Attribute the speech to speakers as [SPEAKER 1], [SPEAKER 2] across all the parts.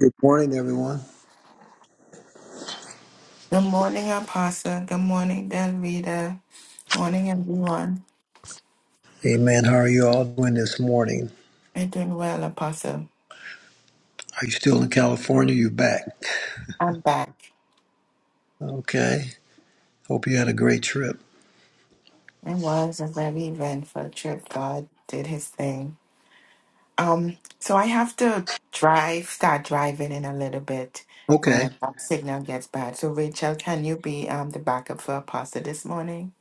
[SPEAKER 1] Good morning, everyone.
[SPEAKER 2] Good morning, Apostle. Good morning, Delvita. Morning, everyone.
[SPEAKER 1] Amen. How are you all doing this morning?
[SPEAKER 2] I'm doing well, Apostle.
[SPEAKER 1] Are you still in California? You back?
[SPEAKER 2] I'm back.
[SPEAKER 1] Okay. Hope you had a great trip.
[SPEAKER 2] It was a very eventful trip. God did his thing. Um, so I have to drive, start driving in a little bit,
[SPEAKER 1] Okay.
[SPEAKER 2] and um, signal gets bad. So Rachel, can you be um the backup for Apostle this morning?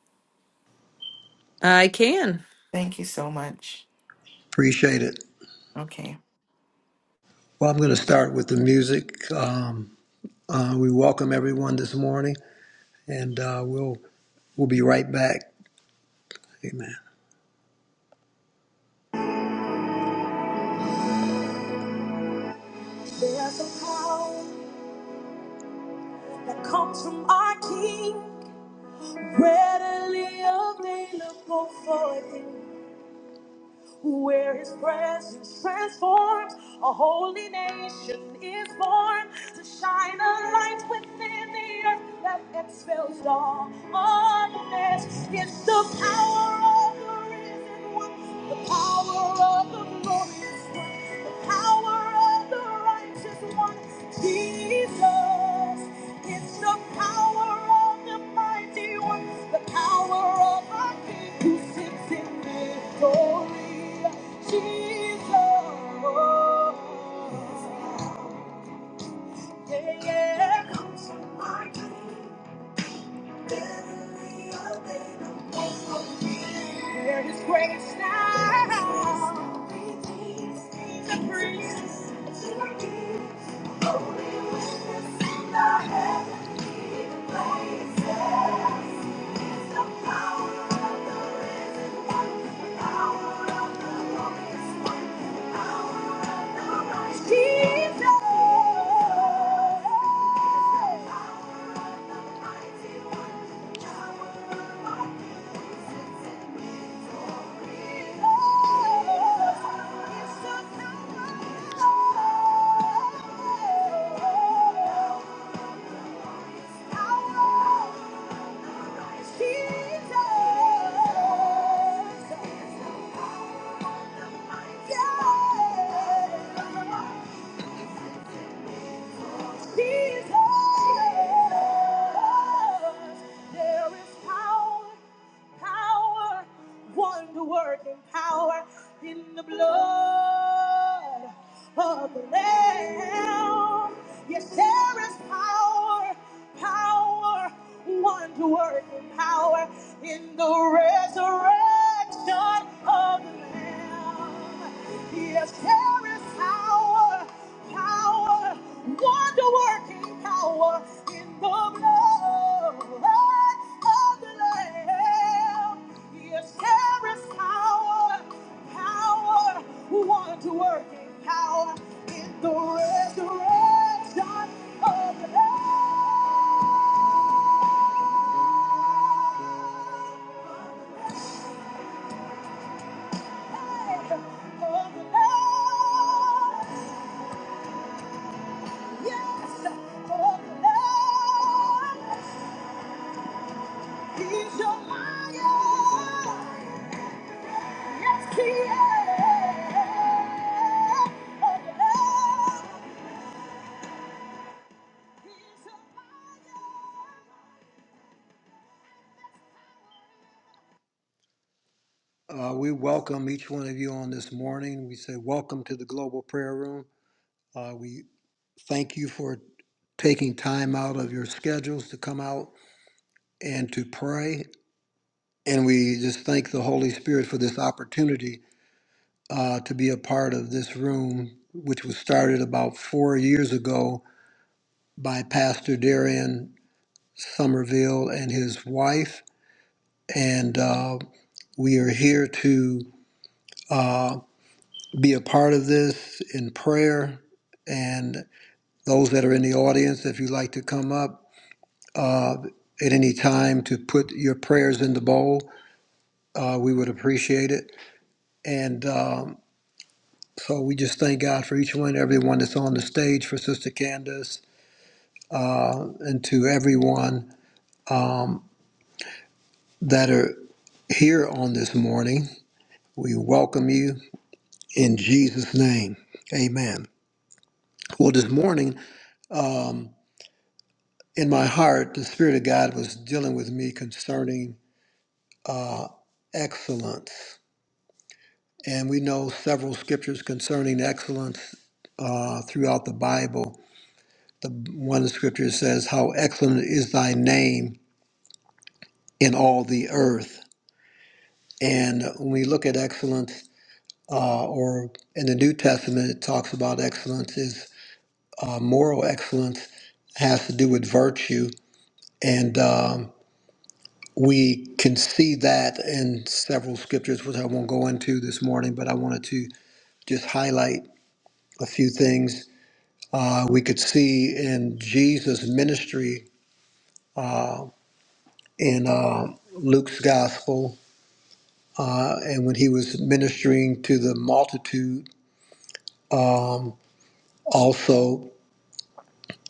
[SPEAKER 3] I can.
[SPEAKER 2] Thank you so much.
[SPEAKER 1] Appreciate it.
[SPEAKER 2] Okay.
[SPEAKER 1] Well, I'm going to start with the music. Um, uh, we welcome everyone this morning, and uh, we'll we'll be right back. Amen. There's a power that comes from our King, readily available for you. where his presence transforms a holy nation is born to shine a light within the earth that expels all darkness. It's the power of the risen one, the power of the glorious one, the power of the righteous one, Jesus. It's the power of the mighty the power of our King who sits in victory. Jesus. Yeah, yeah. yeah. Come to my King. There is grace now to praise. Jesus. Jesus! Jesus, There is power, power, wonder working power in the blood of the Lamb. Yes, there is power, power, wonder working power in the resurrection. Yes, there is power, power, wonder working power in the blood of the Lamb. Yes, there is power, power, wonder working power in the resurrection of the Lamb. Of the Lamb. of the Lamb. Yes, oh Lord, He's your lion. Yes, He is. Oh Lord, He's your lion. Uh, we welcome each one of you on this morning. We say welcome to the Global Prayer Room. Uh, we thank you for taking time out of your schedules to come out and to pray. And we just thank the Holy Spirit for this opportunity uh, to be a part of this room, which was started about four years ago by Pastor Darian Somerville and his wife. And uh, we are here to be a part of this in prayer. And those that are in the audience, if you'd like to come up uh, at any time to put your prayers in the bowl, uh, we would appreciate it. And um, so we just thank God for each one, everyone that's on the stage, for Sister Candace, and to everyone that are here on this morning. We welcome you in Jesus' name. Amen. Well, this morning, um, in my heart, the Spirit of God was dealing with me concerning uh, excellence. And we know several scriptures concerning excellence uh, throughout the Bible. The one scripture says, How excellent is thy name in all the earth. And when we look at excellence, uh, or in the New Testament, it talks about excellence is uh, moral excellence has to do with virtue, and um, we can see that in several scriptures, which I won't go into this morning, but I wanted to just highlight a few things uh, we could see in Jesus' ministry in uh, Luke's gospel, uh, and when he was ministering to the multitude, also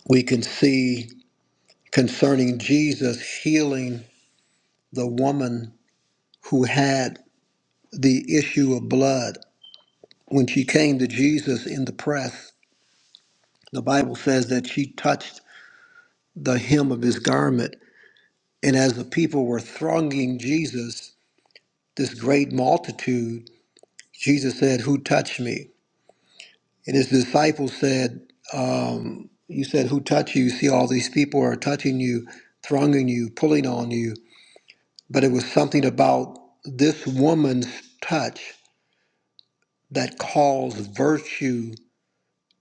[SPEAKER 1] we can see. concerning Jesus healing the woman who had the issue of blood. When she came to Jesus in the press, the Bible says that she touched the hem of his garment. And as the people were thronging Jesus, this great multitude, Jesus said, Who touched me? And his disciples said, You said, Who touched you? You see, all these people are touching you, thronging you, pulling on you. But it was something about this woman's touch that caused virtue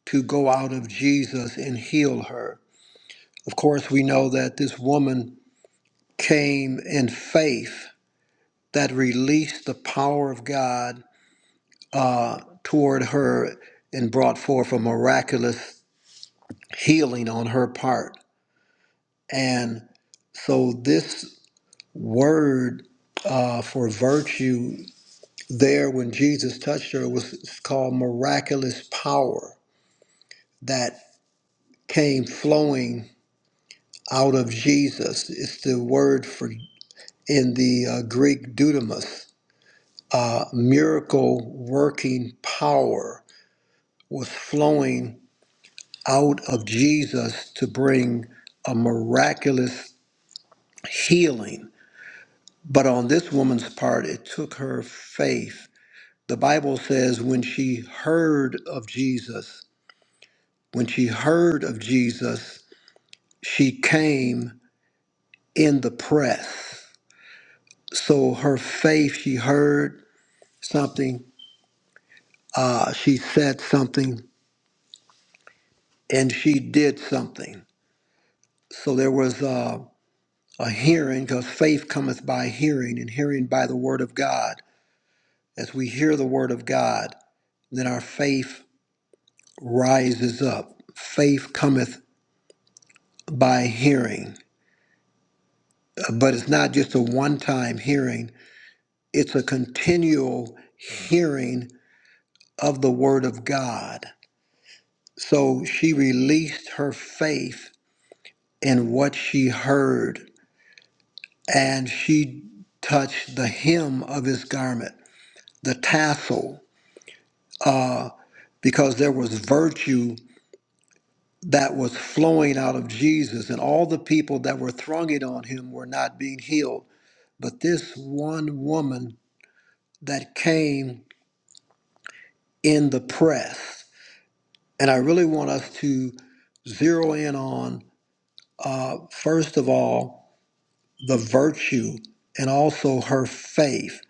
[SPEAKER 1] to go out of Jesus and heal her. Of course, we know that this woman came in faith that released the power of God toward her and brought forth a miraculous healing on her part. And so, this word uh, for virtue there when Jesus touched her was called miraculous power that came flowing out of Jesus. It's the word for in the uh, Greek dudamus. Uh, miracle working power was flowing out of Jesus to bring a miraculous healing. But on this woman's part, it took her faith. The Bible says when she heard of Jesus, when she heard of Jesus, she came in the press. So her faith, she heard something, uh, she said something and she did something. So there was uh, a hearing because faith cometh by hearing and hearing by the word of God. As we hear the word of God, then our faith rises up. Faith cometh by hearing, but it's not just a one time hearing, it's a continual hearing of the word of God. So she released her faith in what she heard and she touched the hem of his garment, the tassel, because there was virtue that was flowing out of Jesus, and all the people that were thronging on him were not being healed. But this one woman that came in the press, and I really want us to zero in on, first of all, the virtue and also her faith.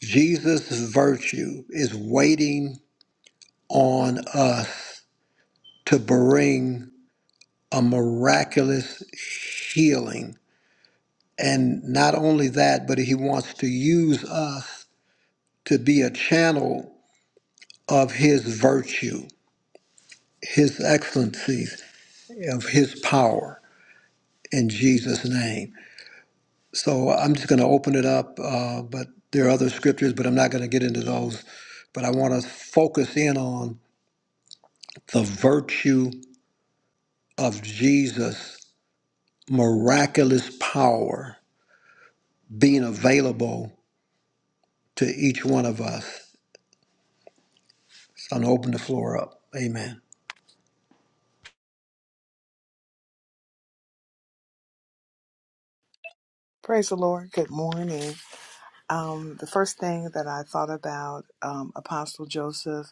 [SPEAKER 1] Jesus' virtue is waiting on us to bring a miraculous healing. And not only that, but he wants to use us to be a channel of his virtue, his excellencies, of his power in Jesus' name. So I'm just going to open it up, uh, but there are other scriptures, but I'm not going to get into those. But I want to focus in on the virtue of Jesus' miraculous power being available to each one of us. So I'm gonna open the floor up. Amen.
[SPEAKER 4] Praise the Lord. Good morning. Um, the first thing that I thought about, um, Apostle Joseph,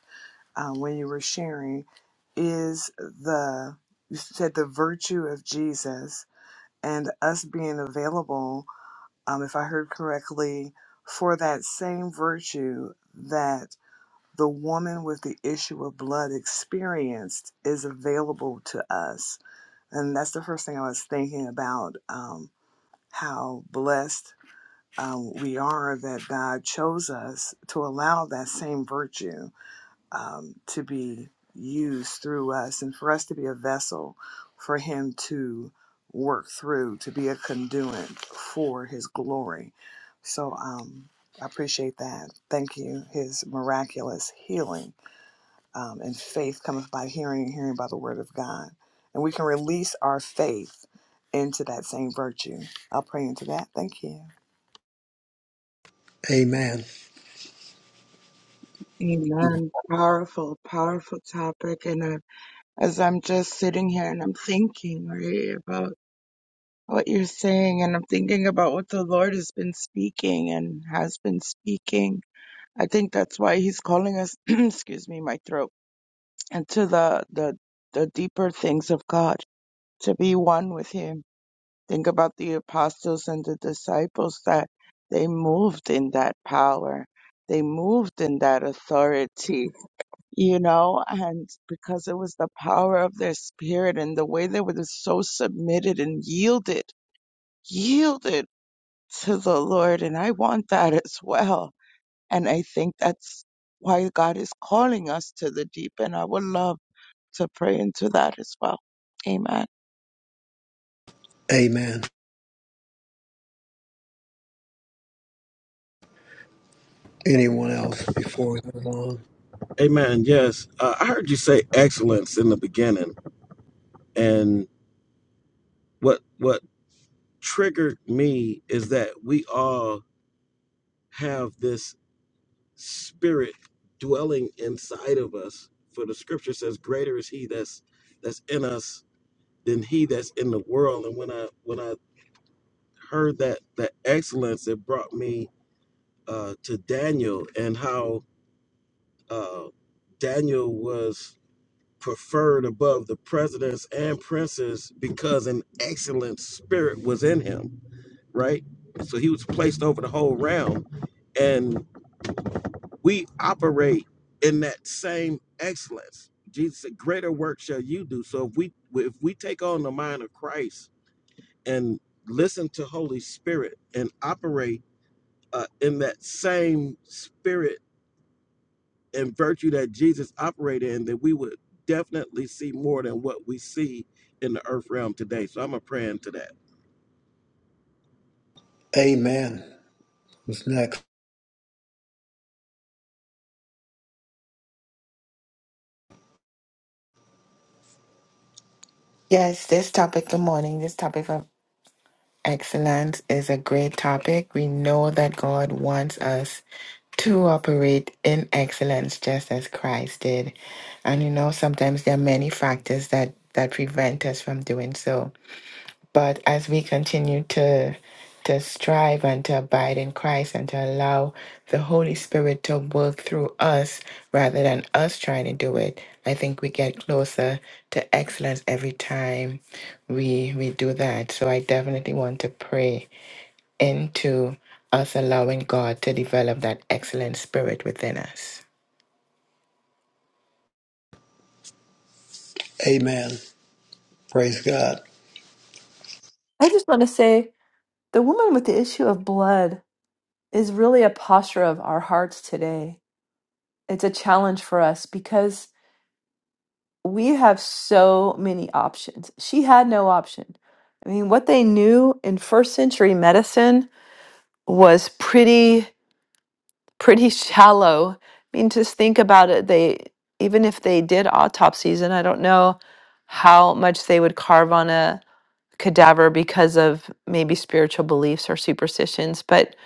[SPEAKER 4] uh, when you were sharing, is the you said the virtue of Jesus and us being available. Um, if I heard correctly, for that same virtue that the woman with the issue of blood experienced is available to us, and that's the first thing I was thinking about. Um, how blessed um, we are that God chose us to allow that same virtue um, to be used through us and for us to be a vessel for Him to work through, to be a conduit for His glory. So um, I appreciate that. Thank you. His miraculous healing um, and faith cometh by hearing and hearing by the word of God. And we can release our faith into that same virtue. I'll pray into that. Thank you.
[SPEAKER 1] Amen.
[SPEAKER 5] Amen. Powerful, powerful topic. And I, as I'm just sitting here and I'm thinking, right, about what you're saying, and I'm thinking about what the Lord has been speaking and has been speaking. I think that's why He's calling us, excuse me, my throat, into the, the, the deeper things of God, to be one with Him. Think about the apostles and the disciples that they moved in that power. They moved in that authority you know, and because it was the power of their spirit and the way they were just so submitted and yielded, yielded to the Lord. And I want that as well. And I think that's why God is calling us to the deep. And I would love to pray into that as well. Amen.
[SPEAKER 1] Amen. Anyone else before we move on?
[SPEAKER 6] Amen. Yes, uh, I heard you say excellence in the beginning, and what what triggered me is that we all have this spirit dwelling inside of us. For the scripture says, "Greater is He that's that's in us than He that's in the world." And when I when I heard that that excellence, it brought me uh, to Daniel and how uh, Daniel was preferred above the presidents and princes because an excellent spirit was in him, right? So he was placed over the whole realm. And we operate in that same excellence. Jesus said, Greater work shall you do. So if we if we take on the mind of Christ and listen to Holy Spirit and operate uh, in that same spirit and virtue that Jesus operated in, that we would definitely see more than what we see in the earth realm today. So I'm a praying to that.
[SPEAKER 1] Amen. What's next?
[SPEAKER 2] Yes, this topic, good morning. This topic of excellence is a great topic. We know that God wants us to operate in excellence just as Christ did. And you know, sometimes there are many factors that that prevent us from doing so. But as we continue to to strive and to abide in Christ and to allow the Holy Spirit to work through us rather than us trying to do it, I think we get closer to excellence every time we we do that. So I definitely want to pray into us allowing God to develop that excellent spirit within us.
[SPEAKER 1] Amen. Praise God.
[SPEAKER 3] I just want to say the woman with the issue of blood is really a posture of our hearts today. It's a challenge for us because we have so many options. She had no option. I mean, what they knew in first century medicine was pretty pretty shallow. I mean, just think about it. They even if they did autopsies and I don't know how much they would carve on a cadaver because of maybe spiritual beliefs or superstitions, but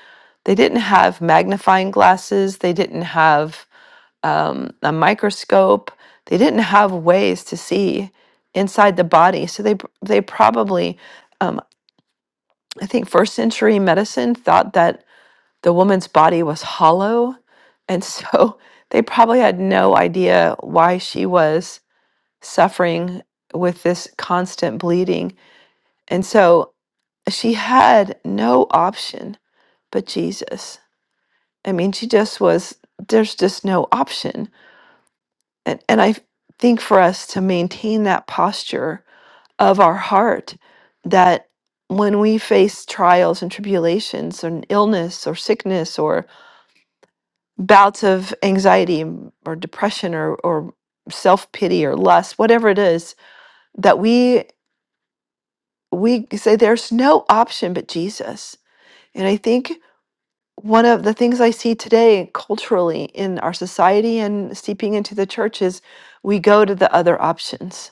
[SPEAKER 3] they didn't have magnifying glasses. They didn't have um, a microscope. They didn't have ways to see inside the body. So they they probably, um, I think, first century medicine thought that the woman's body was hollow, and so they probably had no idea why she was suffering with this constant bleeding. And so she had no option but Jesus. I mean, she just was, there's just no option. And, and I think for us to maintain that posture of our heart that when we face trials and tribulations and illness or sickness or bouts of anxiety or depression or, or self-pity or lust whatever it is that we we say there's no option but jesus and i think one of the things I see today culturally in our society and seeping into the church is we go to the other options.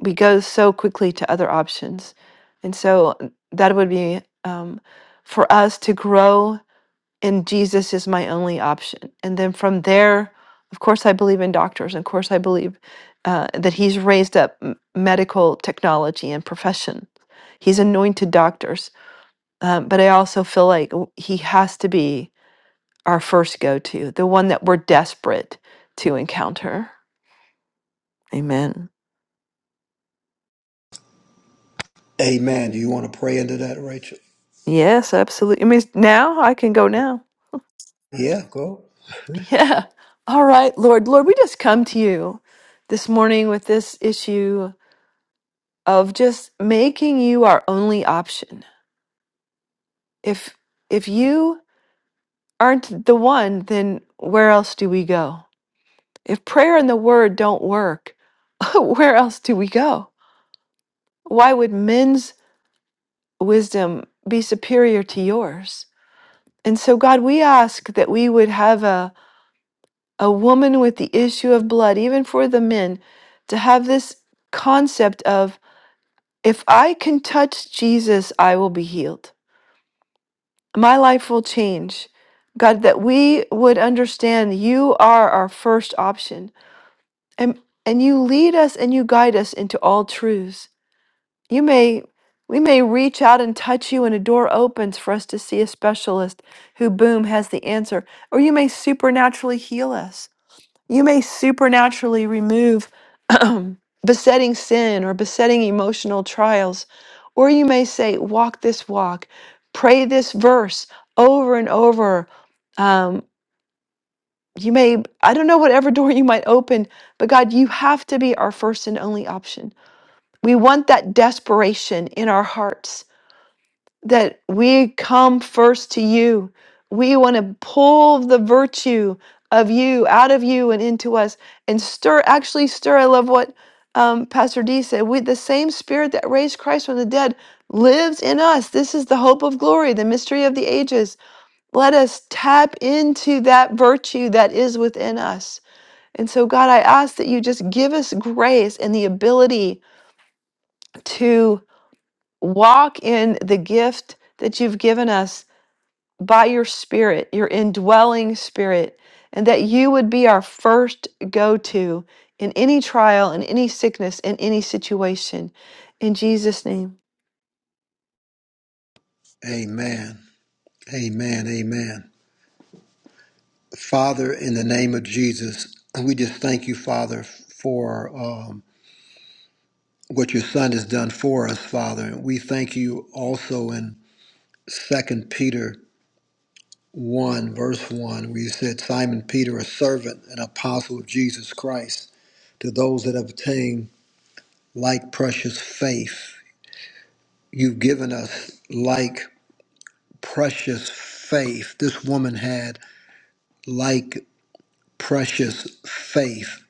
[SPEAKER 3] We go so quickly to other options. And so uh, that would be um, for us to grow in Jesus is my only option. And then from there, of course, I believe in doctors. Of course, I believe uh, that he's raised up m- medical technology and profession. He's anointed doctors. Um, but I also feel like w- he has to be our first go to, the one that we're desperate to encounter. Amen.
[SPEAKER 1] Amen. Do you want to pray into that, Rachel?
[SPEAKER 3] Yes, absolutely. I mean, now I can go now.
[SPEAKER 1] Yeah, go.
[SPEAKER 3] Yeah. All right, Lord. Lord, we just come to you this morning with this issue of just making you our only option. If if you aren't the one, then where else do we go? If prayer and the word don't work, where else do we go? Why would men's wisdom be superior to yours? And so, God, we ask that we would have a, a woman with the issue of blood, even for the men, to have this concept of if I can touch Jesus, I will be healed. My life will change. God, that we would understand you are our first option. And, and you lead us and you guide us into all truths. You may, we may reach out and touch you, and a door opens for us to see a specialist who, boom, has the answer. Or you may supernaturally heal us. You may supernaturally remove besetting sin or besetting emotional trials. Or you may say, walk this walk, pray this verse over and over. Um, you may, I don't know, whatever door you might open, but God, you have to be our first and only option. We want that desperation in our hearts that we come first to you. We want to pull the virtue of you out of you and into us and stir, actually stir. I love what um, Pastor D said. We, the same spirit that raised Christ from the dead lives in us. This is the hope of glory, the mystery of the ages. Let us tap into that virtue that is within us. And so, God, I ask that you just give us grace and the ability to walk in the gift that you've given us by your spirit, your indwelling spirit, and that you would be our first go to in any trial, in any sickness, in any situation. In Jesus' name.
[SPEAKER 1] Amen. Amen. Amen. Father, in the name of Jesus, we just thank you, Father, for um, what your Son has done for us, Father. And we thank you also in Second Peter 1, verse 1, where you said, Simon Peter, a servant and apostle of Jesus Christ, to those that have obtained like precious faith. You've given us like precious faith. This woman had like precious faith,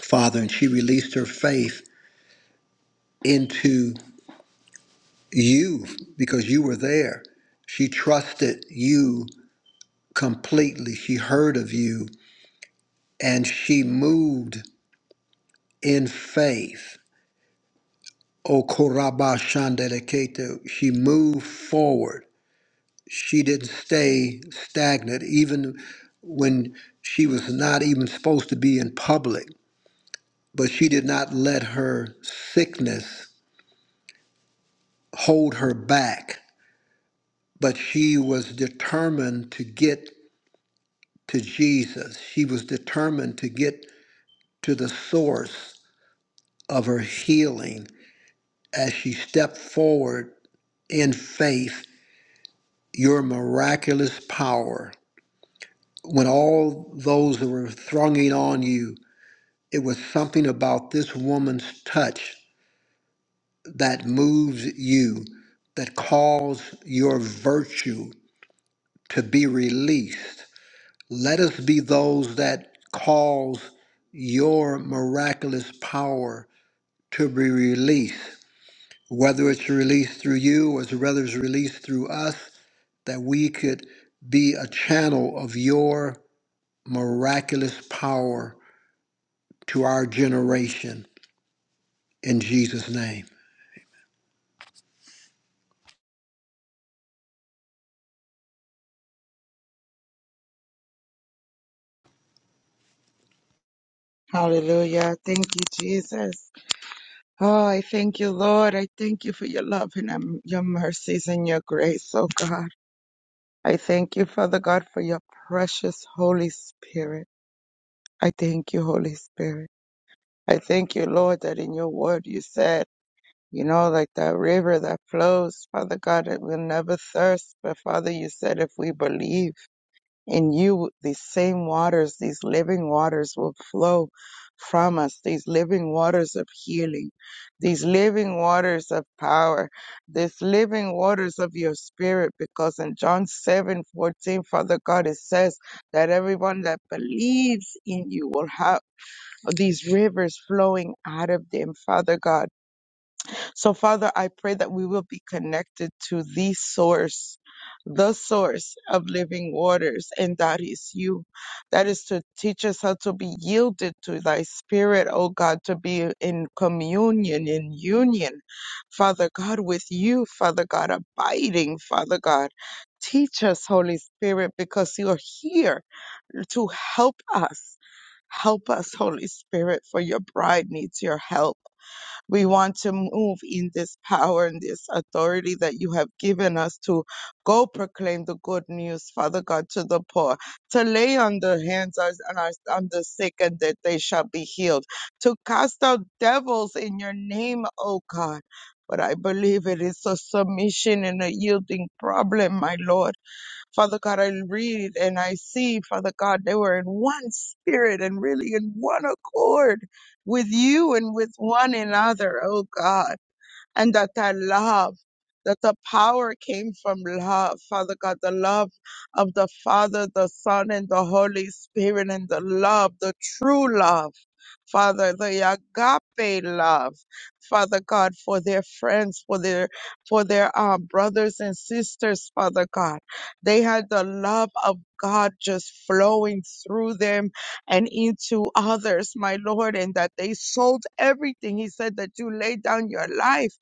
[SPEAKER 1] Father, and she released her faith into you because you were there. She trusted you completely. She heard of you and she moved in faith Okoraba Shandeleketo, she moved forward. She didn't stay stagnant, even when she was not even supposed to be in public. But she did not let her sickness hold her back. But she was determined to get to Jesus. She was determined to get to the source of her healing as she stepped forward in faith. Your miraculous power when all those that were thronging on you, it was something about this woman's touch that moves you, that calls your virtue to be released. Let us be those that cause your miraculous power to be released, whether it's released through you or whether it's released through us, that we could be a channel of your miraculous power to our generation in Jesus' name.
[SPEAKER 5] Hallelujah. Thank you, Jesus. Oh, I thank you, Lord. I thank you for your love and um, your mercies and your grace, oh God. I thank you, Father God, for your precious Holy Spirit. I thank you, Holy Spirit. I thank you, Lord, that in your word you said, you know, like that river that flows, Father God, it will never thirst. But Father, you said if we believe in you, these same waters, these living waters will flow from us, these living waters of healing, these living waters of power, these living waters of your spirit. Because in John seven fourteen, Father God, it says that everyone that believes in you will have these rivers flowing out of them, Father God. So, Father, I pray that we will be connected to the source, the source of living waters, and that is you. That is to teach us how to be yielded to thy spirit, O God, to be in communion, in union, Father God, with you, Father God, abiding, Father God. Teach us, Holy Spirit, because you are here to help us Help us, Holy Spirit, for your bride needs your help. We want to move in this power and this authority that you have given us to go proclaim the good news, Father God, to the poor, to lay on the hands of- on, our, on the sick and that they shall be healed, to cast out devils in your name, O God. But I believe it is a submission and a yielding problem, my Lord. Father God, I read and I see, Father God, they were in one spirit and really in one accord with you and with one another, oh God, and that I love. That the power came from love, Father God, the love of the Father, the Son, and the Holy Spirit, and the love, the true love Father, the agape love, Father God, for their friends, for their for their uh, brothers and sisters, Father God. They had the love of God just flowing through them and into others, my Lord, and that they sold everything. He said that you laid down your life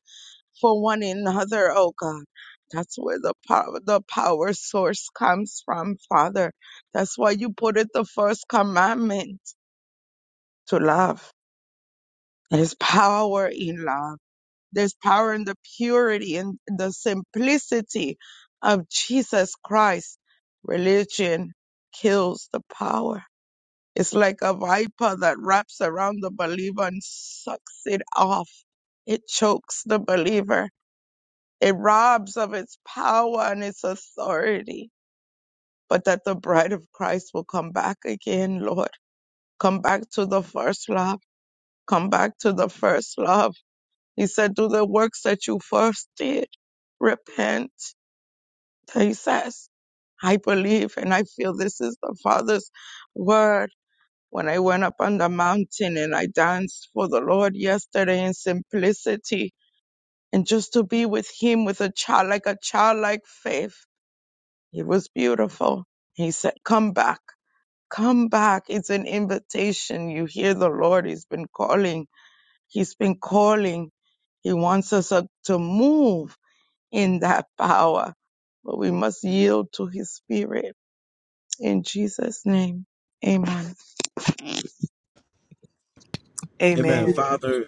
[SPEAKER 5] for one another, oh God. That's where the power, the power source comes from, Father. That's why you put it the first commandment to love there's power in love. There's power in the purity and the simplicity of Jesus Christ. Religion kills the power. It's like a viper that wraps around the believer and sucks it off. It chokes the believer. It robs of its power and its authority. But that the bride of Christ will come back again, Lord. Come back to the first love. Come back to the first love He said, do the works that you first did. Repent. He says, I believe and I feel this is the Father's word. When I went up on the mountain and I danced for the Lord yesterday in simplicity and just to be with Him with a child, like a childlike faith, it was beautiful. He said, Come back, come back. It's an invitation. You hear the Lord, He's been calling, He's been calling. He wants us uh, to move in that power. But we must yield to his spirit. In Jesus' name, amen.
[SPEAKER 6] Amen.
[SPEAKER 4] Amen.
[SPEAKER 6] Father,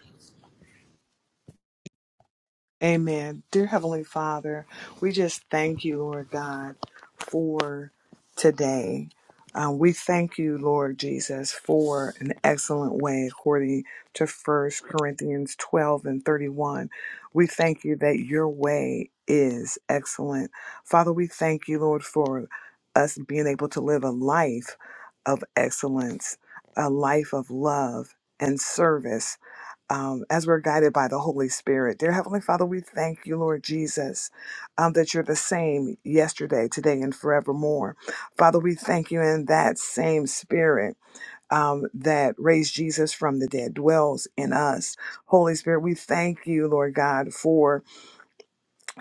[SPEAKER 4] Amen. Dear Heavenly Father, we just thank you, Lord God, for today. Uh, we thank you, Lord Jesus, for an excellent way according to First Corinthians 12 and 31. We thank you that your way is excellent. Father, we thank you, Lord, for us being able to live a life of excellence, a life of love and service um, as we're guided by the Holy Spirit. Dear Heavenly Father, we thank you, Lord Jesus, um, that you're the same yesterday, today, and forevermore. Father, we thank you in that same Spirit. Um, that raised Jesus from the dead dwells in us. Holy Spirit, we thank you, Lord God, for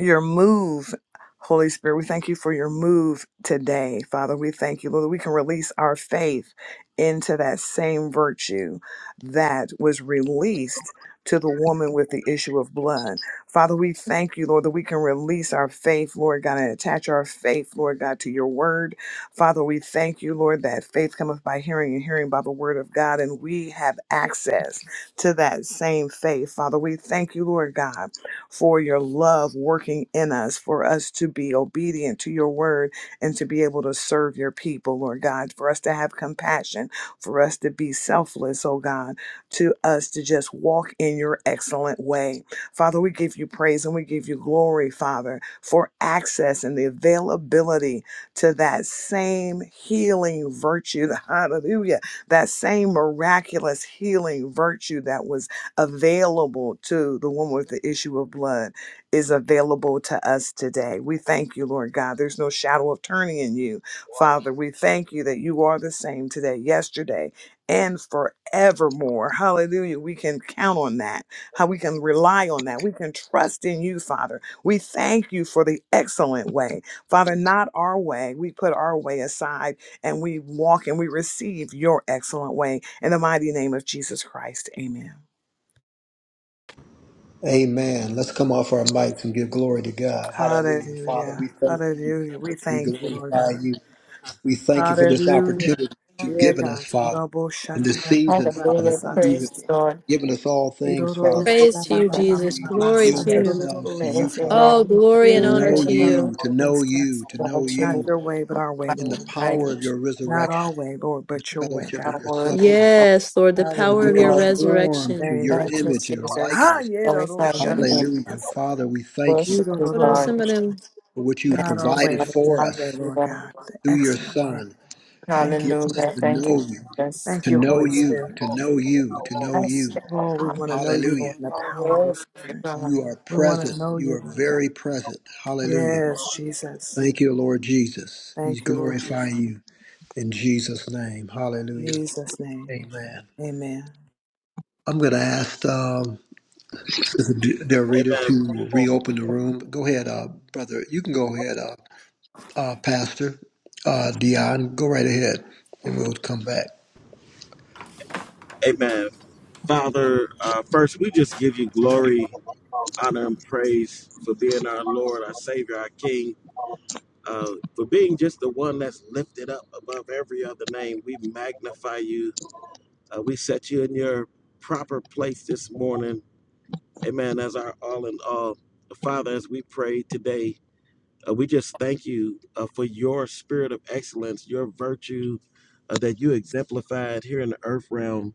[SPEAKER 4] your move, Holy Spirit. We thank you for your move today, Father. We thank you, Lord, that we can release our faith into that same virtue that was released to the woman with the issue of blood. Father, we thank you, Lord, that we can release our faith, Lord God, and attach our faith, Lord God, to your word. Father, we thank you, Lord, that faith cometh by hearing and hearing by the word of God, and we have access to that same faith. Father, we thank you, Lord God for your love working in us, for us to be obedient to your word and to be able to serve your people, Lord God, for us to have compassion, for us to be selfless, oh God, to us to just walk in your excellent way. Father, we give you praise and we give you glory, Father, for access and the availability to that same healing virtue. Hallelujah. That same miraculous healing virtue that was available to the woman with the issue of blood is available to us today. We thank you, Lord God. There's no shadow of turning in you, Father. We thank you that you are the same today, yesterday, and forevermore. Hallelujah. We can count on that. How we can rely on that. We can trust in you, Father. We thank you for the excellent way. Father, not our way. We put our way aside and we walk and we receive your excellent way in the mighty name of Jesus Christ. Amen.
[SPEAKER 1] Amen. Let's come off our mics and give glory to God. Hallelujah. Father, we
[SPEAKER 4] Hallelujah.
[SPEAKER 1] thank you.
[SPEAKER 4] Hallelujah. We
[SPEAKER 1] We
[SPEAKER 4] thank you, Lord
[SPEAKER 1] glorify
[SPEAKER 4] God.
[SPEAKER 1] you. We thank you for this
[SPEAKER 4] Hallelujah.
[SPEAKER 1] opportunity you've
[SPEAKER 4] Dear
[SPEAKER 1] given us,
[SPEAKER 4] God.
[SPEAKER 1] Father,
[SPEAKER 4] Robo
[SPEAKER 1] in
[SPEAKER 4] shata
[SPEAKER 1] this
[SPEAKER 4] da da
[SPEAKER 1] season,
[SPEAKER 4] da da
[SPEAKER 1] Father.
[SPEAKER 2] Hallelujah.
[SPEAKER 4] sata.
[SPEAKER 1] You
[SPEAKER 2] Praise
[SPEAKER 1] have
[SPEAKER 2] the Lord.
[SPEAKER 1] given us all things,
[SPEAKER 4] Irororo
[SPEAKER 1] Father.
[SPEAKER 2] Praise the
[SPEAKER 3] Praise
[SPEAKER 4] sha
[SPEAKER 3] to
[SPEAKER 4] ba
[SPEAKER 3] you,
[SPEAKER 4] ba
[SPEAKER 2] Lord.
[SPEAKER 4] ba
[SPEAKER 3] Jesus.
[SPEAKER 1] We
[SPEAKER 4] ba ba
[SPEAKER 1] just
[SPEAKER 3] Glory
[SPEAKER 1] yield
[SPEAKER 3] to
[SPEAKER 4] sata ro
[SPEAKER 3] you.
[SPEAKER 1] ourselves to
[SPEAKER 4] sha.
[SPEAKER 1] you,
[SPEAKER 2] Praise the
[SPEAKER 1] Father,
[SPEAKER 3] Oh,
[SPEAKER 2] Lord.
[SPEAKER 4] Re
[SPEAKER 3] glory
[SPEAKER 1] to
[SPEAKER 3] and
[SPEAKER 4] re
[SPEAKER 3] honor
[SPEAKER 1] know
[SPEAKER 3] to
[SPEAKER 4] re ra ro
[SPEAKER 3] you.
[SPEAKER 1] you, to know
[SPEAKER 4] sha.
[SPEAKER 1] you, to know
[SPEAKER 2] Lord,
[SPEAKER 4] Not
[SPEAKER 1] you
[SPEAKER 2] you
[SPEAKER 4] your way, but
[SPEAKER 2] are
[SPEAKER 4] our way,
[SPEAKER 2] my
[SPEAKER 1] in the
[SPEAKER 4] Lord.
[SPEAKER 1] power
[SPEAKER 2] mind.
[SPEAKER 1] of
[SPEAKER 2] You
[SPEAKER 1] your
[SPEAKER 4] Not
[SPEAKER 1] resurrection,
[SPEAKER 4] our way, Lord, but your way,
[SPEAKER 1] fellowship of
[SPEAKER 2] are
[SPEAKER 4] God.
[SPEAKER 1] your
[SPEAKER 2] worthy. You
[SPEAKER 1] suffering,
[SPEAKER 2] are
[SPEAKER 3] Yes, Lord, the
[SPEAKER 2] mighty,
[SPEAKER 1] to
[SPEAKER 3] power
[SPEAKER 1] be
[SPEAKER 3] of your
[SPEAKER 2] Lord.
[SPEAKER 4] Hallelujah.
[SPEAKER 1] conformed
[SPEAKER 3] resurrection.
[SPEAKER 1] to
[SPEAKER 4] Thank
[SPEAKER 1] your
[SPEAKER 4] you.
[SPEAKER 2] Thank you,
[SPEAKER 1] image and your
[SPEAKER 2] Jesus.
[SPEAKER 1] likeness.
[SPEAKER 4] Ha ye
[SPEAKER 2] Glorify
[SPEAKER 4] sha
[SPEAKER 2] your
[SPEAKER 4] da da
[SPEAKER 2] name.
[SPEAKER 4] da
[SPEAKER 1] Hallelujah.
[SPEAKER 4] sa.
[SPEAKER 1] Father, we thank you
[SPEAKER 2] Worship you,
[SPEAKER 3] What
[SPEAKER 4] Irororo
[SPEAKER 3] else
[SPEAKER 2] God.
[SPEAKER 3] somebody?
[SPEAKER 4] sha.
[SPEAKER 3] Amen.
[SPEAKER 1] for what you've
[SPEAKER 4] Not
[SPEAKER 2] Thank
[SPEAKER 4] our
[SPEAKER 2] you,
[SPEAKER 1] provided
[SPEAKER 4] way, but
[SPEAKER 1] for
[SPEAKER 4] your
[SPEAKER 2] Father.
[SPEAKER 4] way,
[SPEAKER 1] us
[SPEAKER 4] Lord
[SPEAKER 2] Hallelujah.
[SPEAKER 4] God. The
[SPEAKER 1] through your
[SPEAKER 4] excellent way.
[SPEAKER 1] Son.
[SPEAKER 4] Thank you.
[SPEAKER 1] Give us
[SPEAKER 2] Hallelujah.
[SPEAKER 1] to
[SPEAKER 2] Thank you,
[SPEAKER 1] know you,
[SPEAKER 2] Jesus.
[SPEAKER 4] Thank
[SPEAKER 1] to
[SPEAKER 4] you,
[SPEAKER 1] know
[SPEAKER 4] Holy
[SPEAKER 1] you,
[SPEAKER 4] Spirit.
[SPEAKER 1] to know you, to know you.
[SPEAKER 2] Yes, Lord.
[SPEAKER 4] Lord, we want to
[SPEAKER 2] Hallelujah.
[SPEAKER 4] know you,
[SPEAKER 1] Hallelujah.
[SPEAKER 4] Lord, in
[SPEAKER 2] You
[SPEAKER 4] the
[SPEAKER 2] are
[SPEAKER 4] power of your
[SPEAKER 2] worthy,
[SPEAKER 4] spirit.
[SPEAKER 2] God.
[SPEAKER 1] You are
[SPEAKER 4] We want to
[SPEAKER 1] present.
[SPEAKER 4] know
[SPEAKER 1] You
[SPEAKER 4] you,
[SPEAKER 1] are
[SPEAKER 4] Lord God.
[SPEAKER 1] very present. Hallelujah.
[SPEAKER 4] Yes, Jesus.
[SPEAKER 1] Thank you, Lord Jesus. We
[SPEAKER 4] Thank you, Lord
[SPEAKER 1] glorify
[SPEAKER 4] Jesus.
[SPEAKER 1] you in Jesus' name.
[SPEAKER 4] In
[SPEAKER 1] Hallelujah.
[SPEAKER 4] Jesus' name.
[SPEAKER 1] Amen.
[SPEAKER 4] Amen.
[SPEAKER 1] I'm going to ask um, Sister D- Del Rita
[SPEAKER 6] amen.
[SPEAKER 1] to reopen the room. Go ahead, uh, brother. You can go ahead. Uh, uh, Pastor. Uh, Dion, go right ahead and we'll come back.
[SPEAKER 6] Amen. Father, uh, first, we just give you glory, honor, and praise for being our Lord, our Savior, our King, uh, for being just the one that's lifted up above every other name. We magnify you. Uh, we set you in your proper place this morning. Amen. As our all in all. Father, as we pray today, Uh, we just thank you uh, for your spirit of excellence, your virtue uh, that you exemplified here in the earth realm.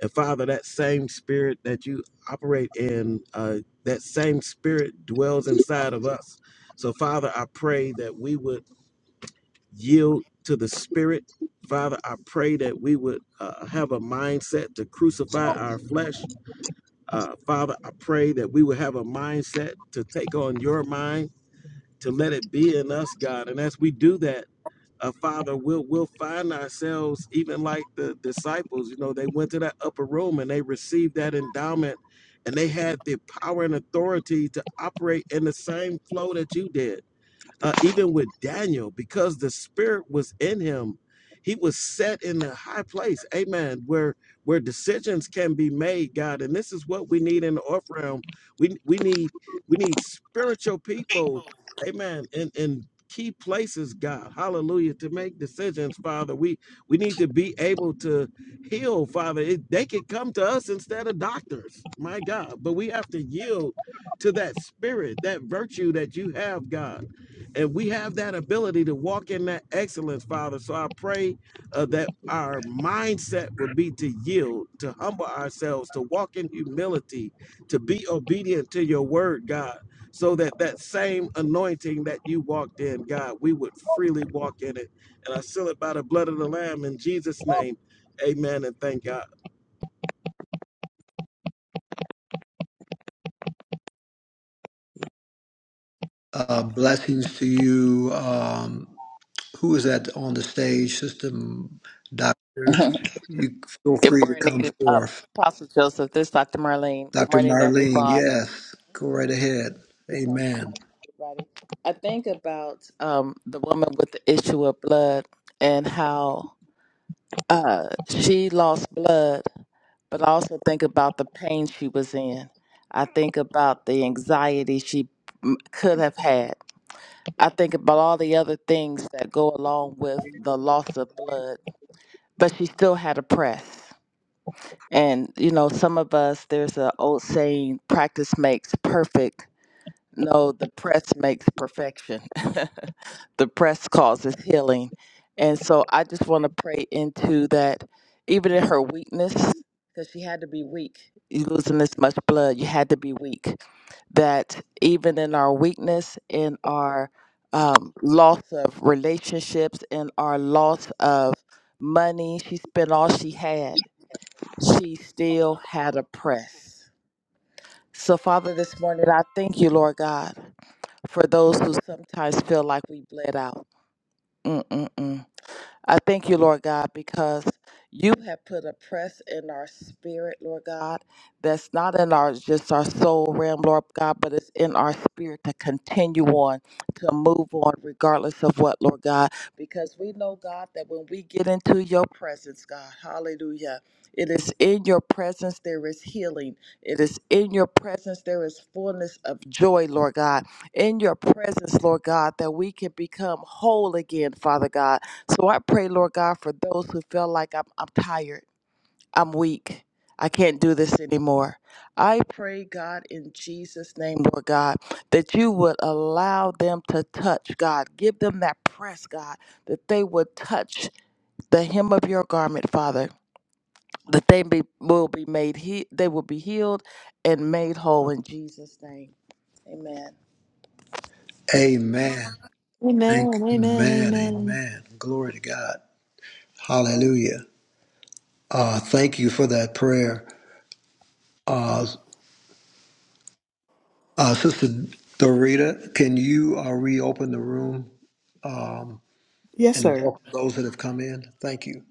[SPEAKER 6] And Father, that same spirit that you operate in, uh, that same spirit dwells inside of us. So, Father, I pray that we would yield to the spirit. Father, I pray that we would uh, have a mindset to crucify our flesh. Uh, Father, I pray that we would have a mindset to take on your mind to let it be in us, God. And as we do that, uh, Father, we'll we'll find ourselves even like the disciples. You know, they went to that upper room and they received that endowment, and they had the power and authority to operate in the same flow that you did uh, even with Daniel, because the spirit was in him, he was set in a high place, amen, where where decisions can be made, God. And this is what we need in the off realm. We we need we need spiritual people, amen, in, in key places, God, hallelujah, to make decisions, Father. We we need to be able to heal, Father. It, they could come to us instead of doctors, my God. But we have to yield to that spirit, that virtue that you have, God and we have that ability to walk in that excellence, Father. So I pray uh, that our mindset would be to yield, to humble ourselves, to walk in humility, to be obedient to your word, God, so that that same anointing that you walked in, God, we would freely walk in it. And I seal it by the blood of the Lamb in Jesus' name. Amen and thank God.
[SPEAKER 1] Uh, blessings to you. Um, who is that on the stage? System Doctor. You feel
[SPEAKER 7] Good
[SPEAKER 1] free to come
[SPEAKER 7] morning, um,
[SPEAKER 1] forth.
[SPEAKER 7] Apostle Joseph. This is Dr. Marlene. Good
[SPEAKER 1] Dr.
[SPEAKER 7] morning,
[SPEAKER 1] Marlene,
[SPEAKER 7] everyone.
[SPEAKER 1] yes, go right
[SPEAKER 7] Uh,
[SPEAKER 1] ahead.
[SPEAKER 7] Good morning,
[SPEAKER 1] Amen.
[SPEAKER 7] everybody. I think about um, the woman with the issue of blood and how uh, she lost blood, but I also think about the pain she was in. I think about the anxiety she m- could have had. I think about all the other things that go along with the loss of blood, but she still had a press. And you know, some of us there's an old saying, practice makes perfect. No, the press makes perfection. the press causes healing. And so I just want to pray into that even in her weakness because she had to be weak. You losing this much blood, you had to be weak. That even in our weakness, in our um, loss of relationships, in our loss of money, she spent all she had she still had a press. So, Father, this morning, I thank you, Lord God, for those who sometimes feel like we bled out. Mm-mm-mm. I thank you, Lord God, because you have put a press in our spirit, Lord God, that's not in our just our soul realm, Lord God, but it's in our spirit to continue on, to move on, regardless of what, Lord God. Because we know, God, that when we get into your presence, God, hallelujah. It is in your presence there is healing. It is in your presence there is fullness of joy, Lord God. In your presence, Lord God, that we can become whole again, Father God so I pray, Lord God, for those who feel like I'm, I'm tired, I'm weak, I can't do this anymore. I pray, God, in Jesus' name, Lord God, that you would allow them to touch, God. Give them that press, God, that they would touch the hem of your garment, Father. That they be, will be made, he, they will be healed and made whole in Jesus' name. Amen.
[SPEAKER 1] Amen. Thank you.
[SPEAKER 3] Amen.
[SPEAKER 1] Amen.
[SPEAKER 3] Amen.
[SPEAKER 1] Amen. Glory to God.
[SPEAKER 7] Thank you.
[SPEAKER 1] Hallelujah. Uh, thank you for that prayer. Uh, uh, Sister Dorita, can you uh, reopen the room? um,
[SPEAKER 4] Yes,
[SPEAKER 1] and
[SPEAKER 4] sir.
[SPEAKER 1] welcome those that have come in. Thank you.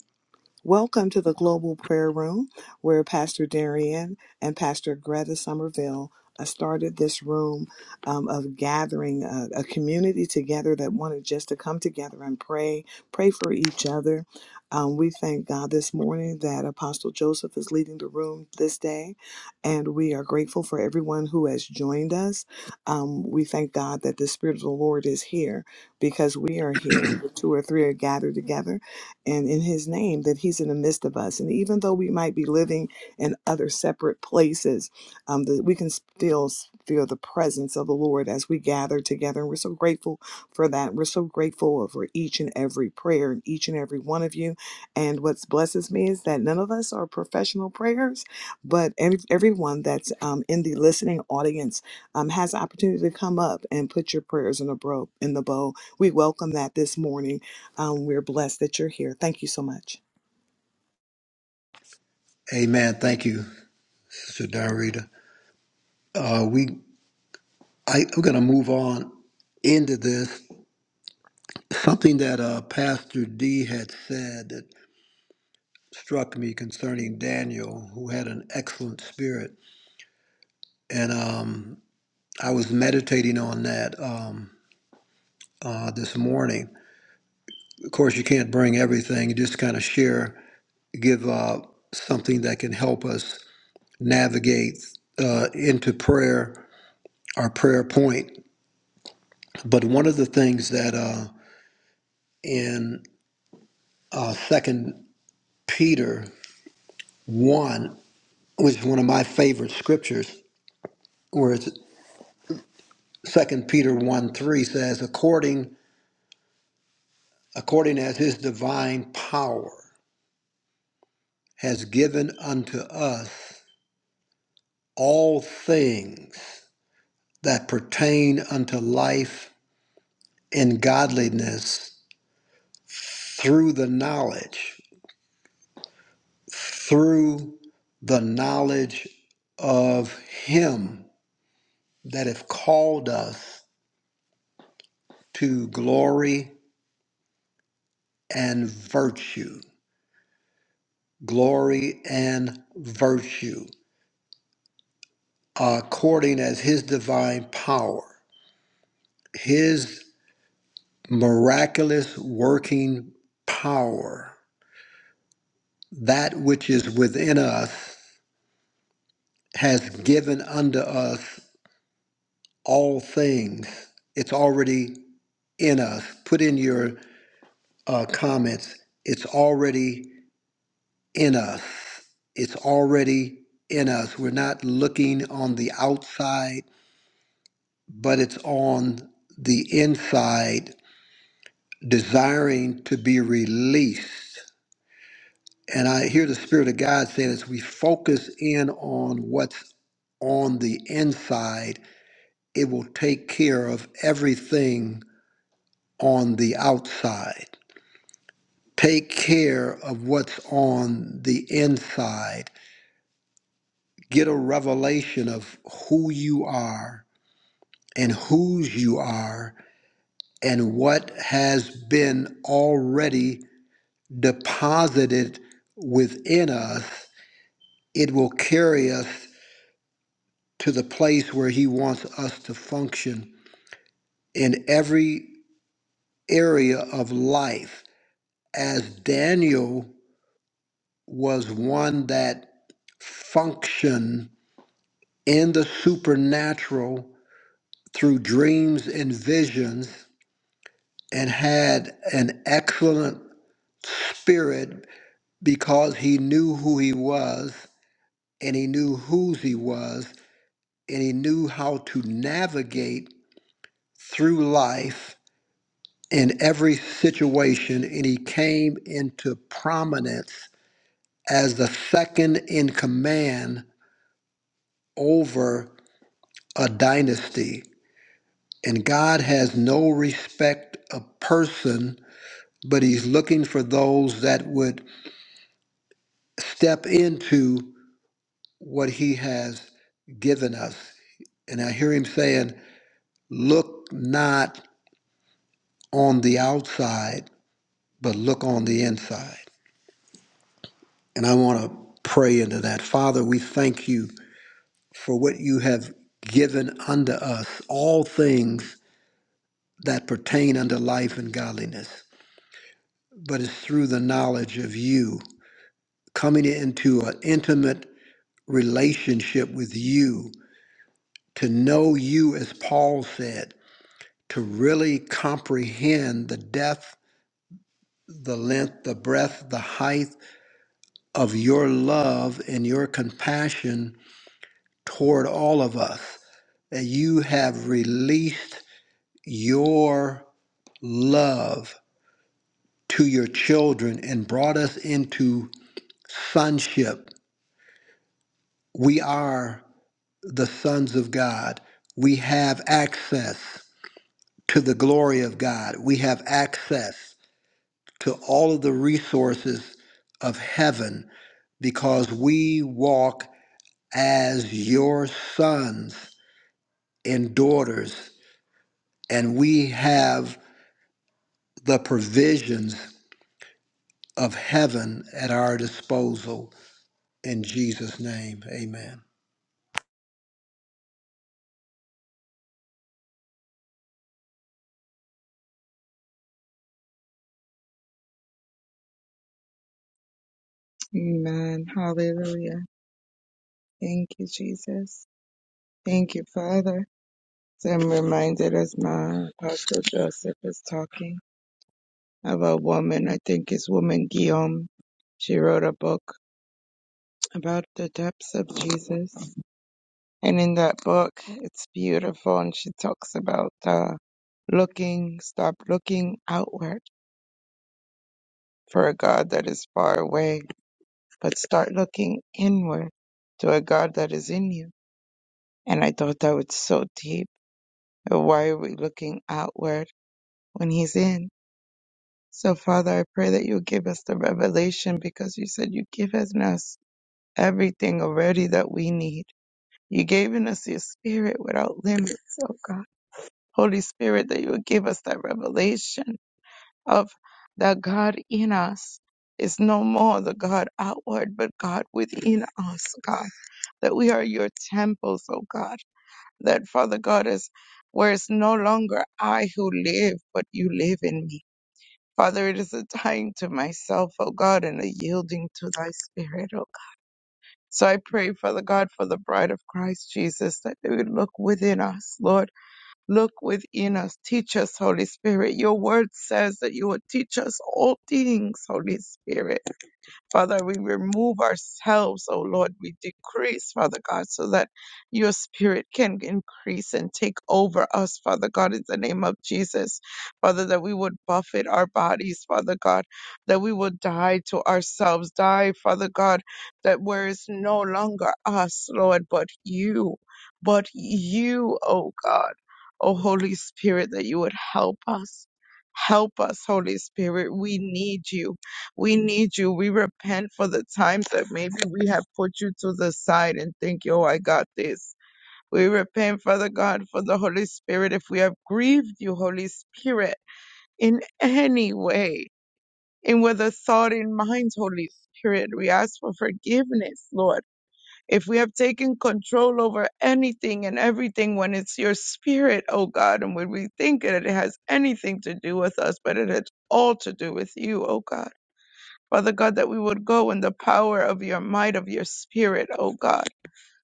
[SPEAKER 4] Welcome to the Global Prayer Room, where Pastor Darian and Pastor Greta Somerville uh, started this room um, of gathering a, a community together that wanted just to come together and pray, pray for each other. Um, we thank God this morning that Apostle Joseph is leading the room this day, and we are grateful for everyone who has joined us. Um, we thank God that the Spirit of the Lord is here because we are here. Where two or three are gathered together and in his name that he's in the midst of us and even though we might be living in other separate places um, that we can still s- feel the presence of the lord as we gather together and we're so grateful for that we're so grateful for each and every prayer and each and every one of you and what blesses me is that none of us are professional prayers but every, everyone that's um, in the listening audience um, has the opportunity to come up and put your prayers in a bro in the bowl we welcome that this morning um, we're blessed that you're here. Thank you so much.
[SPEAKER 1] Amen. Thank you, Sister Darita. Uh, we I, I'm going to move on into this. Something that uh, Pastor D had said that struck me concerning Daniel, who had an excellent spirit, and um, I was meditating on that um, uh, this morning. Of course, you can't bring everything; you just kind of share, give uh, something that can help us navigate uh, into prayer our prayer point. But one of the things that uh, in uh, Second Peter one, which is one of my favorite scriptures, where it's Second Peter one three says, "According according as His divine power has given unto us all things that pertain unto life and godliness through the knowledge." through the knowledge of Him that have called us to glory and virtue, glory and virtue, according as His divine power, His miraculous working power, that which is within us has given unto us all things. It's already in us. Put in your uh, comments, it's already in us. It's already in us. We're not looking on the outside, but it's on the inside, desiring to be released. And I hear the Spirit of God saying, as we focus in on what's on the inside, it will take care of everything on the outside. Take care of what's on the inside get a revelation of who you are and whose you are and what has been already deposited within us, it will carry us to the place where He wants us to function in every area of life. As Daniel was one that functioned in the supernatural through dreams and visions and had an excellent spirit because he knew who he was and he knew whose he was and he knew how to navigate through life in every situation and he came into prominence as the second in command over a dynasty and God has no respect of person but he's looking for those that would step into what he has given us. And I hear him saying, Look not on the outside, but look on the inside. And I want to pray into that. Father, we thank you for what you have given unto us, all things that pertain unto life and godliness. But it's through the knowledge of you, coming into an intimate relationship with you, to know you, as Paul said to really comprehend the depth, the length, the breadth, the height of your love and your compassion toward all of us. That you have released your love to your children and brought us into sonship. We are the sons of God. We have access to the glory of God. We have access to all of the resources of heaven because we walk as your sons and daughters, and we have the provisions of heaven at our disposal. In Jesus' name, amen.
[SPEAKER 5] Amen. Hallelujah. Thank you, Jesus. Thank you, Father. So I'm reminded as my Apostle Joseph is talking of a woman, I think it's woman Guillaume. She wrote a book about the depths of Jesus. And in that book, it's beautiful. And she talks about uh, looking, stop looking outward for a God that is far away, but start looking inward to a God that is in you. And I thought that was so deep. And Why are we looking outward when He's in? So, Father, I pray that you give us the revelation because you said you've given us everything already that we need. You gave us your spirit without limits, oh God. Holy Spirit, that you would give us that revelation of the God in us is no more the God outward, but God within us, God. That we are your temples, oh God. That Father God is where it's no longer I who live, but you live in me. Father, it is a dying to myself, O God, and a yielding to thy spirit, O God. So I pray, Father God, for the bride of Christ Jesus, that they would look within us, Lord Look within us. Teach us, Holy Spirit. Your word says that you will teach us all things, Holy Spirit. Father, we remove ourselves, oh Lord, we decrease, Father God, so that your spirit can increase and take over us, Father God, in the name of Jesus. Father, that we would buffet our bodies, Father God, that we would die to ourselves, die, Father God, that where it's no longer us, Lord, but you, but you, oh God, oh Holy Spirit, that you would help us. Help us, Holy Spirit. We need you. We need you. We repent for the times that maybe we have put you to the side and think, yo, I got this. We repent, Father God, for the Holy Spirit. If we have grieved you, Holy Spirit, in any way, in with a thought in mind, Holy Spirit, we ask for forgiveness, Lord. If we have taken control over anything and everything when it's your spirit, oh God, and when we think that it has anything to do with us, but it has all to do with you, oh God. Father God, that we would go in the power of your might, of your spirit, oh God.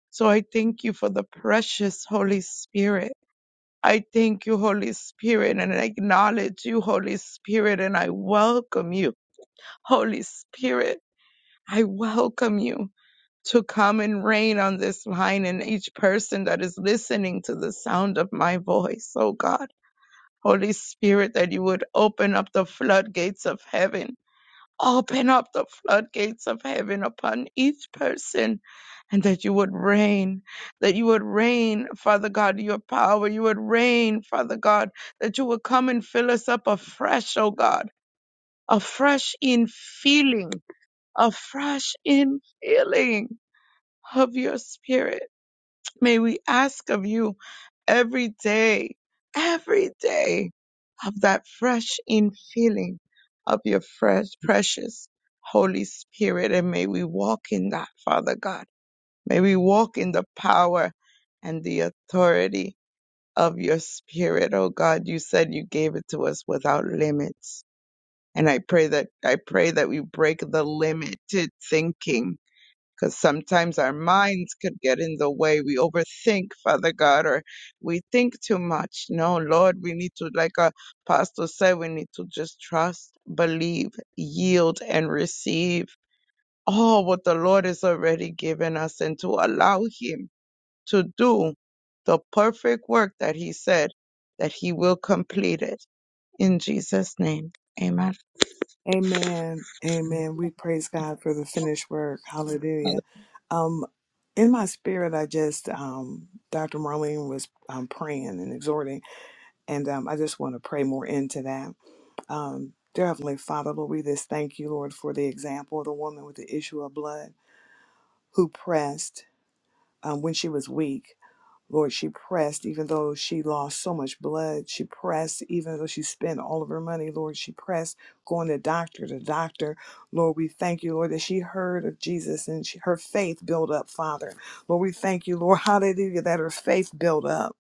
[SPEAKER 5] So I thank you for the precious Holy Spirit. I thank you, Holy Spirit, and I acknowledge you, Holy Spirit, and I welcome you, Holy Spirit. I welcome you to come and reign on this line and each person that is listening to the sound of my voice, oh God. Holy Spirit, that you would open up the floodgates of heaven Open up the floodgates of heaven upon each person and that you would reign, that you would reign, Father God, your power. You would reign, Father God, that you would come and fill us up afresh, oh God, afresh in feeling, afresh in feeling of your spirit May we ask of you every day, every day of that fresh infilling of your fresh, precious Holy Spirit. And may we walk in that, Father God. May we walk in the power and the authority of your spirit. Oh God, you said you gave it to us without limits. And I pray that, I pray that we break the limited thinking because sometimes our minds could get in the way. We overthink, Father God, or we think too much. No, Lord, we need to, like a pastor said, we need to just trust, believe, yield, and receive all what the Lord has already given us and to allow Him to do the perfect work that He said that He will complete it. In Jesus' name, amen.
[SPEAKER 4] Amen. Amen. We praise God for the finished work. Hallelujah. Um, in my spirit, I just, um, Dr. Marlene was um, praying and exhorting, and um, I just want to pray more into that. Um, Dear Heavenly Father, Lord, we just thank you, Lord, for the example of the woman with the issue of blood who pressed um, when she was weak. Lord, she pressed even though she lost so much blood. She pressed even though she spent all of her money. Lord, she pressed going to doctor to doctor. Lord, we thank you, Lord, that she heard of Jesus and she, her faith built up, Father. Lord, we thank you, Lord, hallelujah, that her faith built up.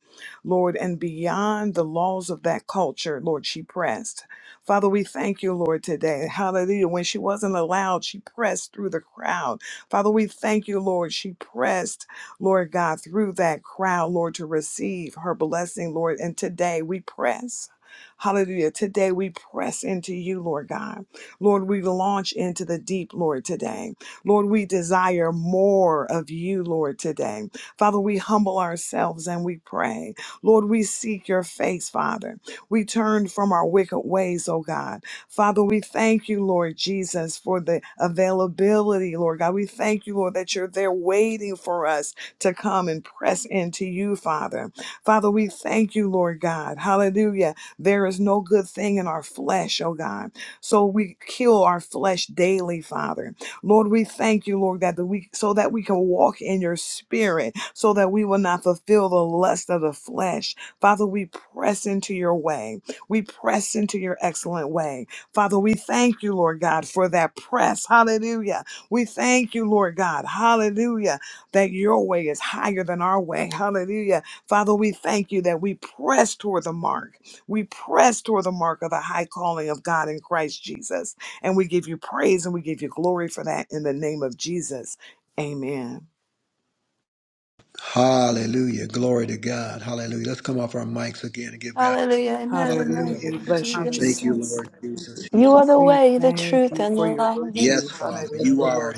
[SPEAKER 4] Lord, and beyond the laws of that culture, Lord, she pressed. Father, we thank you, Lord, today. Hallelujah. When she wasn't allowed, she pressed through the crowd. Father, we thank you, Lord. She pressed. Lord God, through that crowd, Lord, to receive her blessing, Lord. And today we press. Hallelujah. Today we press into you, Lord God. Lord, we launch into the deep, Lord, today. Lord, we desire more of you, Lord, today. Father, we humble ourselves and we pray. Lord, we seek your face, Father. We turn from our wicked ways, oh God. Father, we thank you, Lord Jesus, for the availability, Lord God. We thank you, Lord, that you're there waiting for us to come and press into you, Father. Father, we thank you, Lord God. Hallelujah. There is no good thing in our flesh, oh God. So we kill our flesh daily, Father. Lord, we thank you, Lord, that we so that we can walk in your spirit, so that we will not fulfill the lust of the flesh. Father, we press into your way. We press into your excellent way. Father, we thank you, Lord God, for that press. Hallelujah. We thank you, Lord God. Hallelujah that your way is higher than our way. Hallelujah. Father, we thank you that we press toward the mark. We press toward the mark of the high calling of God in Christ Jesus. And we give you praise and we give you glory for that in the name of Jesus. Amen.
[SPEAKER 1] Hallelujah. Glory to God. Hallelujah. Let's come off our mics again and give God
[SPEAKER 3] Hallelujah. Amen.
[SPEAKER 4] Hallelujah.
[SPEAKER 3] Amen.
[SPEAKER 1] hallelujah.
[SPEAKER 4] We
[SPEAKER 3] Thank
[SPEAKER 4] bless
[SPEAKER 3] you,
[SPEAKER 4] you,
[SPEAKER 3] Jesus.
[SPEAKER 1] Thank you,
[SPEAKER 4] Jesus.
[SPEAKER 1] Lord Jesus.
[SPEAKER 3] You are the
[SPEAKER 4] We
[SPEAKER 3] way, the
[SPEAKER 4] thank
[SPEAKER 3] truth,
[SPEAKER 4] you
[SPEAKER 3] and the
[SPEAKER 4] for your
[SPEAKER 3] life.
[SPEAKER 1] Yes,
[SPEAKER 4] virtue.
[SPEAKER 1] Father,
[SPEAKER 4] Hallelujah.
[SPEAKER 1] you are.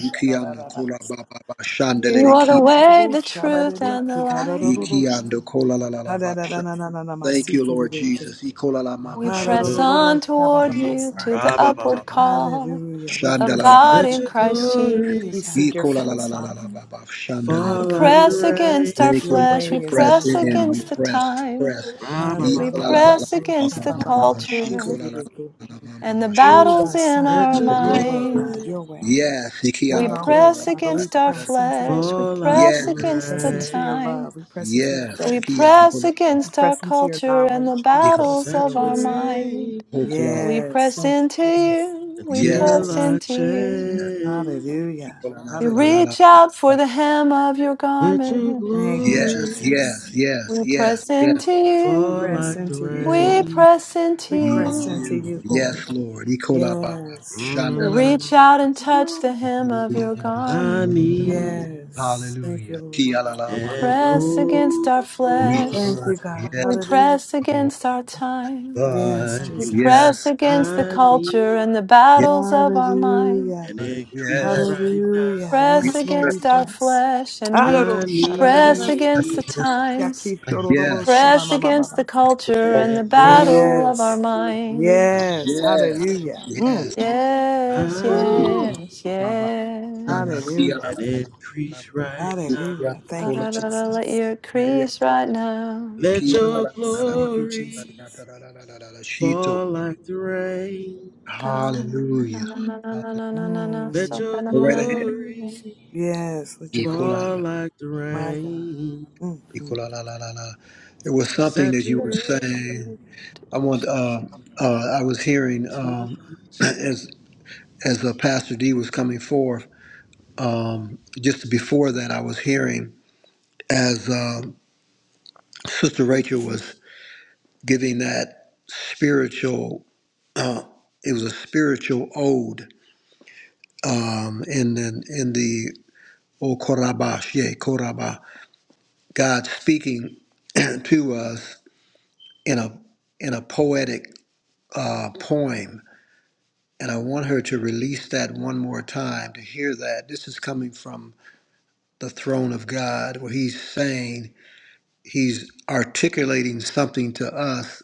[SPEAKER 4] Yeah.
[SPEAKER 3] You are the way, the truth, and the light.
[SPEAKER 1] Ikiando kola Thank you, Lord
[SPEAKER 4] Hallelujah.
[SPEAKER 1] Jesus. Ikola
[SPEAKER 3] We press
[SPEAKER 6] Hallelujah.
[SPEAKER 3] on toward
[SPEAKER 1] You
[SPEAKER 3] you
[SPEAKER 1] are
[SPEAKER 3] to
[SPEAKER 4] Ha-da-da-da-da-da-sha-ba-ba-ba-za.
[SPEAKER 3] the
[SPEAKER 1] ikola.
[SPEAKER 3] upward
[SPEAKER 6] Ra-ba-ba-ba-ba.
[SPEAKER 3] call
[SPEAKER 4] Hallelujah. We
[SPEAKER 1] Shanda
[SPEAKER 3] of
[SPEAKER 1] la
[SPEAKER 4] praise
[SPEAKER 1] la
[SPEAKER 4] you,
[SPEAKER 3] God
[SPEAKER 6] Let
[SPEAKER 4] you,
[SPEAKER 3] in
[SPEAKER 6] your
[SPEAKER 4] God.
[SPEAKER 3] Christ
[SPEAKER 6] glory
[SPEAKER 4] We
[SPEAKER 3] Jesus.
[SPEAKER 4] seek your face, Father.
[SPEAKER 3] We
[SPEAKER 6] fall like the
[SPEAKER 3] press
[SPEAKER 4] Hallelujah.
[SPEAKER 3] against
[SPEAKER 6] rain.
[SPEAKER 3] our
[SPEAKER 1] Thank
[SPEAKER 4] Your
[SPEAKER 1] you, Lord.
[SPEAKER 3] flesh.
[SPEAKER 4] way
[SPEAKER 1] We
[SPEAKER 3] We
[SPEAKER 4] is
[SPEAKER 1] press
[SPEAKER 4] higher
[SPEAKER 3] press
[SPEAKER 4] than our
[SPEAKER 1] in. We
[SPEAKER 4] way.
[SPEAKER 3] against the
[SPEAKER 1] press.
[SPEAKER 3] time.
[SPEAKER 1] Press.
[SPEAKER 6] ra ba ba
[SPEAKER 3] We
[SPEAKER 1] Ikola la la
[SPEAKER 6] ba
[SPEAKER 3] press against the
[SPEAKER 4] Ha-da-da-da-da-da-da-sha-ba-ba-ba-ba.
[SPEAKER 3] culture and the
[SPEAKER 4] Oh,
[SPEAKER 3] battles in
[SPEAKER 6] Let
[SPEAKER 3] our
[SPEAKER 4] ba-sha-da-da-da.
[SPEAKER 6] your
[SPEAKER 4] Your way,
[SPEAKER 3] mind.
[SPEAKER 4] God,
[SPEAKER 6] glory
[SPEAKER 4] your way.
[SPEAKER 1] Yes.
[SPEAKER 3] We
[SPEAKER 4] Not
[SPEAKER 1] Ikiando
[SPEAKER 4] our way,
[SPEAKER 1] kola
[SPEAKER 3] press
[SPEAKER 4] Father. We
[SPEAKER 3] against our
[SPEAKER 4] press into you.
[SPEAKER 3] flesh. We
[SPEAKER 6] fall like
[SPEAKER 3] press
[SPEAKER 6] the
[SPEAKER 1] Yes.
[SPEAKER 3] against
[SPEAKER 4] Press
[SPEAKER 3] the
[SPEAKER 4] into your
[SPEAKER 6] rain.
[SPEAKER 3] time.
[SPEAKER 4] love. We press into your
[SPEAKER 1] Yes.
[SPEAKER 4] faith.
[SPEAKER 3] We
[SPEAKER 1] Ikiando
[SPEAKER 3] press
[SPEAKER 1] kola.
[SPEAKER 4] We
[SPEAKER 3] against our
[SPEAKER 4] press into your
[SPEAKER 3] culture and the
[SPEAKER 4] knowledge. We
[SPEAKER 1] Ikola.
[SPEAKER 4] press
[SPEAKER 3] battles
[SPEAKER 4] into your
[SPEAKER 3] of our
[SPEAKER 4] wisdom.
[SPEAKER 3] mind.
[SPEAKER 6] Saturate
[SPEAKER 1] Ho
[SPEAKER 6] me
[SPEAKER 3] We
[SPEAKER 4] Yes.
[SPEAKER 3] press
[SPEAKER 4] Thank
[SPEAKER 3] into
[SPEAKER 4] you, Jesus.
[SPEAKER 3] you. We
[SPEAKER 1] Yes.
[SPEAKER 6] until
[SPEAKER 3] press
[SPEAKER 4] Yes.
[SPEAKER 6] I
[SPEAKER 3] into you.
[SPEAKER 6] change.
[SPEAKER 4] Hallelujah.
[SPEAKER 1] Ikola
[SPEAKER 3] We
[SPEAKER 4] Hallelujah.
[SPEAKER 3] reach out for the hem of your
[SPEAKER 6] Let your
[SPEAKER 3] garment.
[SPEAKER 4] Thank you,
[SPEAKER 1] Yes,
[SPEAKER 6] glory
[SPEAKER 4] Jesus.
[SPEAKER 1] yes, yes,
[SPEAKER 3] We
[SPEAKER 1] yes,
[SPEAKER 3] press
[SPEAKER 1] yes.
[SPEAKER 3] into
[SPEAKER 6] fall
[SPEAKER 3] you.
[SPEAKER 4] Press
[SPEAKER 6] like the
[SPEAKER 4] into you, Lord.
[SPEAKER 3] We
[SPEAKER 1] Ikola,
[SPEAKER 6] rain.
[SPEAKER 3] press into
[SPEAKER 4] We
[SPEAKER 1] you,
[SPEAKER 4] press
[SPEAKER 3] you.
[SPEAKER 4] into
[SPEAKER 1] you.
[SPEAKER 4] you, Lord.
[SPEAKER 1] Yes, Lord. Ikola Baba.
[SPEAKER 4] Yes.
[SPEAKER 3] We
[SPEAKER 1] Shandala.
[SPEAKER 3] reach out and touch the
[SPEAKER 4] Woo.
[SPEAKER 3] hem of your
[SPEAKER 6] I
[SPEAKER 3] garment.
[SPEAKER 6] need
[SPEAKER 4] Yes. Thank you,
[SPEAKER 1] Hallelujah.
[SPEAKER 4] Lord.
[SPEAKER 1] Kialala
[SPEAKER 3] We
[SPEAKER 1] mama.
[SPEAKER 6] an
[SPEAKER 3] press against our
[SPEAKER 1] We
[SPEAKER 3] flesh.
[SPEAKER 4] Thank
[SPEAKER 6] overflowing.
[SPEAKER 4] you,
[SPEAKER 1] bless.
[SPEAKER 4] God.
[SPEAKER 3] We
[SPEAKER 1] Yes,
[SPEAKER 4] Hallelujah.
[SPEAKER 3] press
[SPEAKER 1] Lord.
[SPEAKER 3] against our time.
[SPEAKER 4] Yes,
[SPEAKER 1] God.
[SPEAKER 3] We
[SPEAKER 4] Jesus.
[SPEAKER 3] press
[SPEAKER 1] Yes.
[SPEAKER 3] against the
[SPEAKER 6] I
[SPEAKER 3] culture
[SPEAKER 6] need
[SPEAKER 3] and the
[SPEAKER 1] Yes.
[SPEAKER 3] battles of our mind.
[SPEAKER 4] Hallelujah.
[SPEAKER 6] an increase
[SPEAKER 1] Yes.
[SPEAKER 6] right now.
[SPEAKER 4] Hallelujah.
[SPEAKER 1] We
[SPEAKER 3] press
[SPEAKER 4] Yes, Lord, we
[SPEAKER 1] bless
[SPEAKER 3] against our
[SPEAKER 4] press.
[SPEAKER 3] flesh and we
[SPEAKER 4] Adoro,
[SPEAKER 6] I
[SPEAKER 3] press
[SPEAKER 4] shadadadada,
[SPEAKER 3] against
[SPEAKER 1] you.
[SPEAKER 3] the
[SPEAKER 6] need
[SPEAKER 3] times.
[SPEAKER 4] yaki,
[SPEAKER 3] We
[SPEAKER 4] shororobo,
[SPEAKER 1] Yes.
[SPEAKER 3] press against the
[SPEAKER 4] shamamamamamasa.
[SPEAKER 3] culture and the
[SPEAKER 6] an
[SPEAKER 3] battle of our
[SPEAKER 4] Yes.
[SPEAKER 3] mind.
[SPEAKER 6] overflowing.
[SPEAKER 4] Yes.
[SPEAKER 1] Yes.
[SPEAKER 4] Hallelujah.
[SPEAKER 1] Yes.
[SPEAKER 3] Yes,
[SPEAKER 6] I
[SPEAKER 4] Mm.
[SPEAKER 3] yes,
[SPEAKER 6] need
[SPEAKER 1] Baba. Shana.
[SPEAKER 3] yes.
[SPEAKER 4] Hallelujah.
[SPEAKER 6] an
[SPEAKER 1] Kialala. Kialala. la la. la.
[SPEAKER 6] increase right now.
[SPEAKER 1] Kiala.
[SPEAKER 4] Hallelujah. Thank
[SPEAKER 1] Kola.
[SPEAKER 4] you,
[SPEAKER 3] Da-da-da-da, let
[SPEAKER 4] Jesus.
[SPEAKER 3] your
[SPEAKER 1] Kialala.
[SPEAKER 3] crease right now.
[SPEAKER 6] Let your
[SPEAKER 4] Yes. Thank you, Jesus.
[SPEAKER 6] glory
[SPEAKER 1] la la la. la. Shito.
[SPEAKER 6] fall like the rain.
[SPEAKER 3] Ka-dum,
[SPEAKER 1] Hallelujah. Go
[SPEAKER 3] na-na-na-na-na-na-na-na-na,
[SPEAKER 6] Let
[SPEAKER 4] Mm.
[SPEAKER 6] your
[SPEAKER 1] right ahead.
[SPEAKER 3] so-da-da-da-da-da.
[SPEAKER 6] glory
[SPEAKER 4] Yes, with your glory.
[SPEAKER 6] fall
[SPEAKER 1] Ecola.
[SPEAKER 6] like the
[SPEAKER 4] My God.
[SPEAKER 6] rain.
[SPEAKER 4] mm mm.
[SPEAKER 1] Ecola la la la la. It was something that you were saying.
[SPEAKER 6] Saturate
[SPEAKER 1] I want uh uh I was hearing
[SPEAKER 6] to
[SPEAKER 1] um
[SPEAKER 6] touch.
[SPEAKER 1] as as uh, Pastor D was coming forth, um just before that I was hearing as um Sister Rachel was giving that spiritual uh it was a spiritual ode um in in, in the O Korabah, God speaking to us in a in a poetic uh, poem, and I want her to release that one more time to hear that. This is coming from the throne of God, where He's saying He's articulating something to us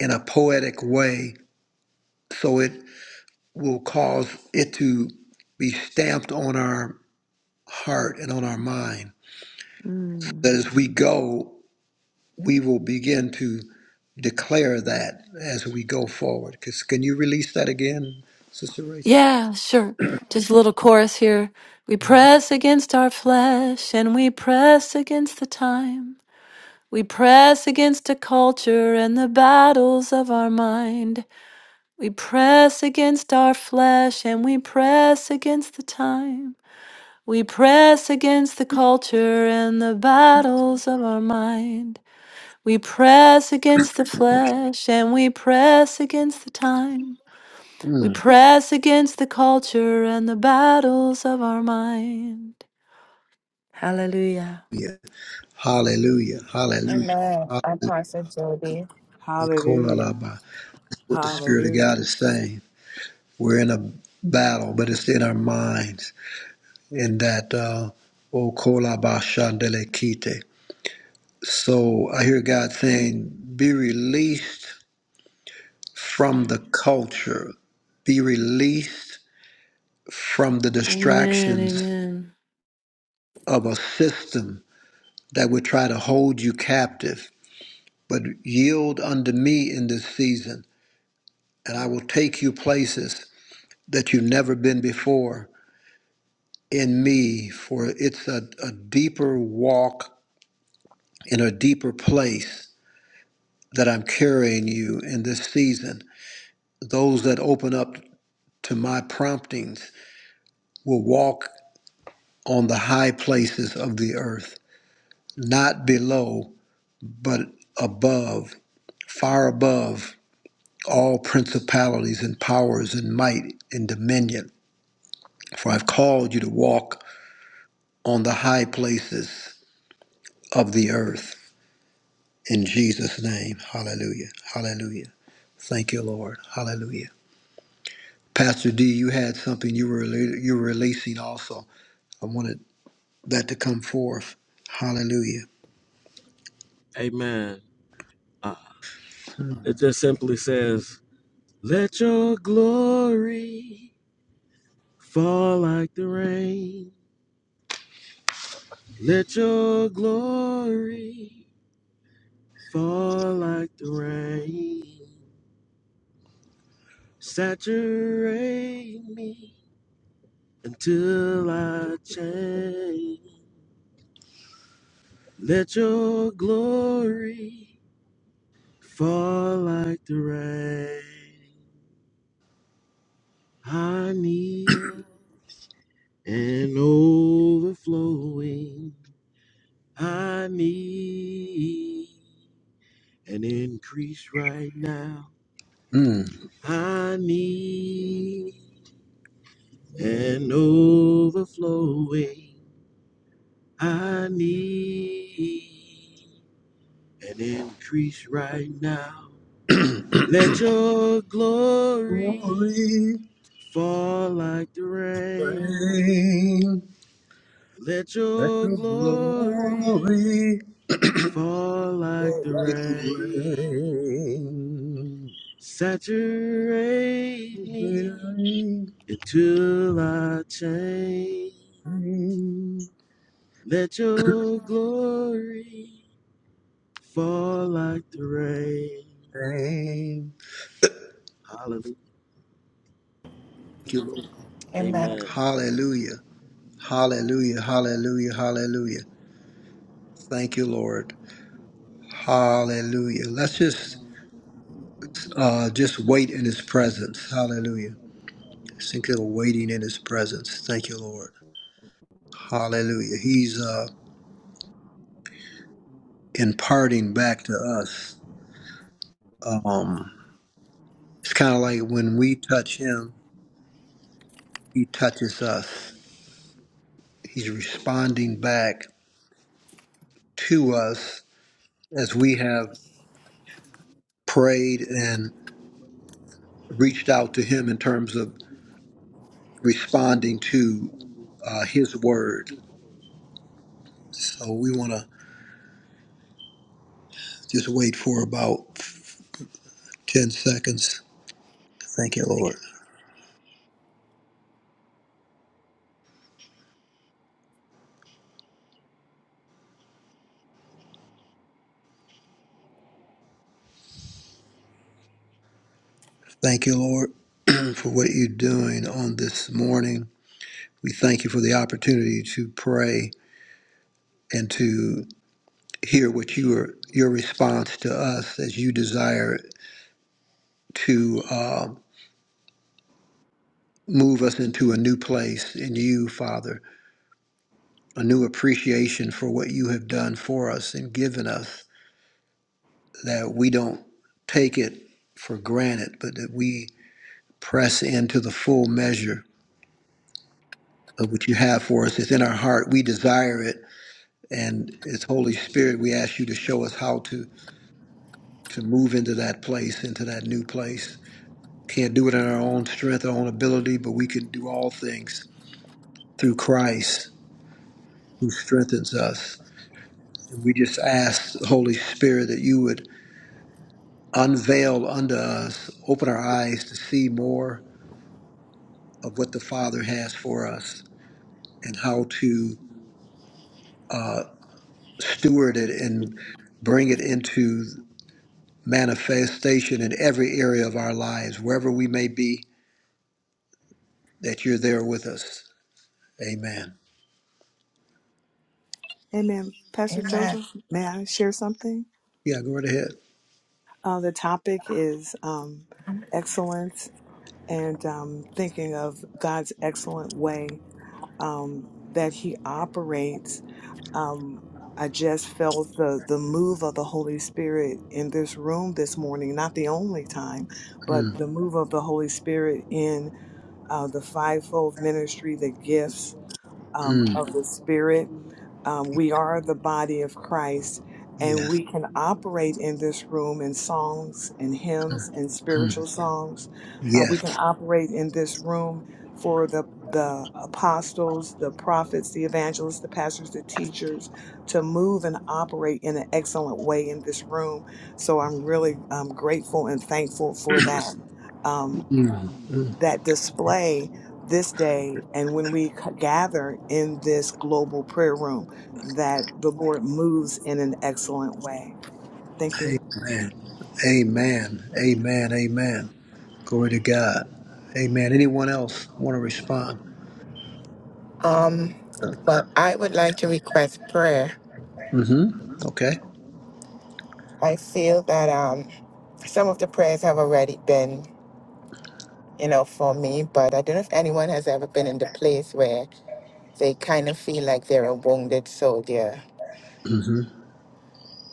[SPEAKER 1] in a poetic way, so it will cause it to be stamped on our heart and on our mind.
[SPEAKER 3] Mm.
[SPEAKER 1] That as we go. we will begin to declare that as we go forward. Because can you release that again, Sister Rachel?
[SPEAKER 3] Yeah, sure. Just a little chorus here. We press against our flesh and we press against the time. We press against a culture and the battles of our mind. We press against our flesh and we press against the time. We press against the culture and the battles of our mind. We press against the flesh and we press against the time. We
[SPEAKER 1] Mm.
[SPEAKER 3] press against the culture and the battles of our mind. Hallelujah.
[SPEAKER 1] Yeah. Hallelujah. Hallelujah.
[SPEAKER 2] Pastor Jody.
[SPEAKER 4] Hallelujah.
[SPEAKER 1] Hallelujah. What the Spirit of God
[SPEAKER 4] Hallelujah.
[SPEAKER 1] is saying. We're in a battle, but it's in our minds. In that, uh, O kolaba shandele so I hear God saying, be released from the culture, be released from the
[SPEAKER 3] Amen.
[SPEAKER 1] distractions
[SPEAKER 3] Amen.
[SPEAKER 1] of a system that would try to hold you captive, but yield unto me in this season, and I will take you places that you've never been before in me, for it's a, a deeper walk in a deeper place that I'm carrying you in this season. Those that open up to my promptings will walk on the high places of the earth, not below, but above, far above all principalities and powers and might and dominion. For I've called you to walk on the high places of the earth. In Jesus' name, hallelujah, hallelujah. Thank you, Lord, hallelujah. Pastor D, you had something you were, you were releasing also. I wanted that to come forth. Hallelujah.
[SPEAKER 6] Amen. Uh, it just simply says, Let your glory fall like the rain. Let your glory Fall like the rain, saturate me until I change. Let your glory fall like the rain. I need an overflowing. I need an increase right now.
[SPEAKER 1] Mm.
[SPEAKER 6] I need an overflowing. I need an increase right now. Let your glory
[SPEAKER 1] Glory,
[SPEAKER 6] fall like the rain.
[SPEAKER 1] reign,
[SPEAKER 6] Let
[SPEAKER 1] let
[SPEAKER 6] your
[SPEAKER 1] your
[SPEAKER 6] glory
[SPEAKER 1] glory.
[SPEAKER 6] fall like
[SPEAKER 1] Oh,
[SPEAKER 6] the
[SPEAKER 1] like
[SPEAKER 6] rain.
[SPEAKER 1] rain.
[SPEAKER 6] Saturate me
[SPEAKER 1] Rain,
[SPEAKER 6] until I change.
[SPEAKER 1] rain,
[SPEAKER 6] Let your glory fall like the rain.
[SPEAKER 1] rain.
[SPEAKER 6] Hallelujah.
[SPEAKER 1] Thank you, Lord.
[SPEAKER 6] Amen.
[SPEAKER 1] Hallelujah. Hallelujah. Hallelujah. Hallelujah. Thank you, Lord. Hallelujah. Let's just uh, just wait in his presence. Hallelujah. Think of waiting in his presence. Thank you, Lord. Hallelujah. He's uh, imparting back to us. Um, it's kind of like when we touch him, he touches us. He's responding back to us as we have prayed and reached out to Him in terms of responding to uh, His word. So we want to just wait for about 10 seconds. Thank you, Lord. Thank you, Lord, for what you're doing on this morning. We thank you for the opportunity to pray and to hear what you are, your response to us as you desire to. uh, move us into a new place in you, Father, a new appreciation for what you have done for us and given us, that we don't take it for granted, but that we press into the full measure of what you have for us. It's in our heart. We desire it. And it's Holy Spirit, we ask you to show us how to, to move into that place, into that new place. Can't do it in our own strength, our own ability, but we can do all things through Christ who strengthens us. And we just ask, Holy Spirit, that you would unveil unto us, open our eyes to see more of what the Father has for us and how to uh, steward it and bring it into manifestation in every area of our lives, wherever we may be, that you're there with us. Amen.
[SPEAKER 4] Amen. Pastor
[SPEAKER 2] Amen.
[SPEAKER 4] Joseph, may I share something?
[SPEAKER 1] Yeah, go right ahead.
[SPEAKER 4] Uh, the topic is um, excellence and um, thinking of God's excellent way um, that He operates um, I just felt the the move of the Holy Spirit in this room this morning. Not the only time, but
[SPEAKER 1] Mm,
[SPEAKER 4] the move of the Holy Spirit in uh, the fivefold ministry, the gifts um,
[SPEAKER 1] mm,
[SPEAKER 4] of the Spirit um, we are the body of Christ, and
[SPEAKER 1] yes.
[SPEAKER 4] we can operate in this room in songs and
[SPEAKER 1] Mm,
[SPEAKER 4] hymns and
[SPEAKER 1] mm,
[SPEAKER 4] spiritual songs. Uh, we
[SPEAKER 1] yes.
[SPEAKER 4] can operate in this room for the the apostles, the prophets, the evangelists, the pastors, the teachers, to move and operate in an excellent way in this room. So I'm really um, grateful and thankful for that. Um,
[SPEAKER 1] Mm, mm.
[SPEAKER 4] that display this day and when we c- gather in this global prayer room that the Lord moves in an excellent way. Thank you.
[SPEAKER 1] Amen. Amen. Amen. Amen. Glory to God. Amen. Anyone else want to respond?
[SPEAKER 2] Um, but I would like to request prayer.
[SPEAKER 1] Mm-hmm. Okay.
[SPEAKER 2] I feel that um, some of the prayers have already been, you know, for me, but I don't know if anyone has ever been in the place where they kind of feel like they're a wounded soldier.
[SPEAKER 1] Mm-hmm.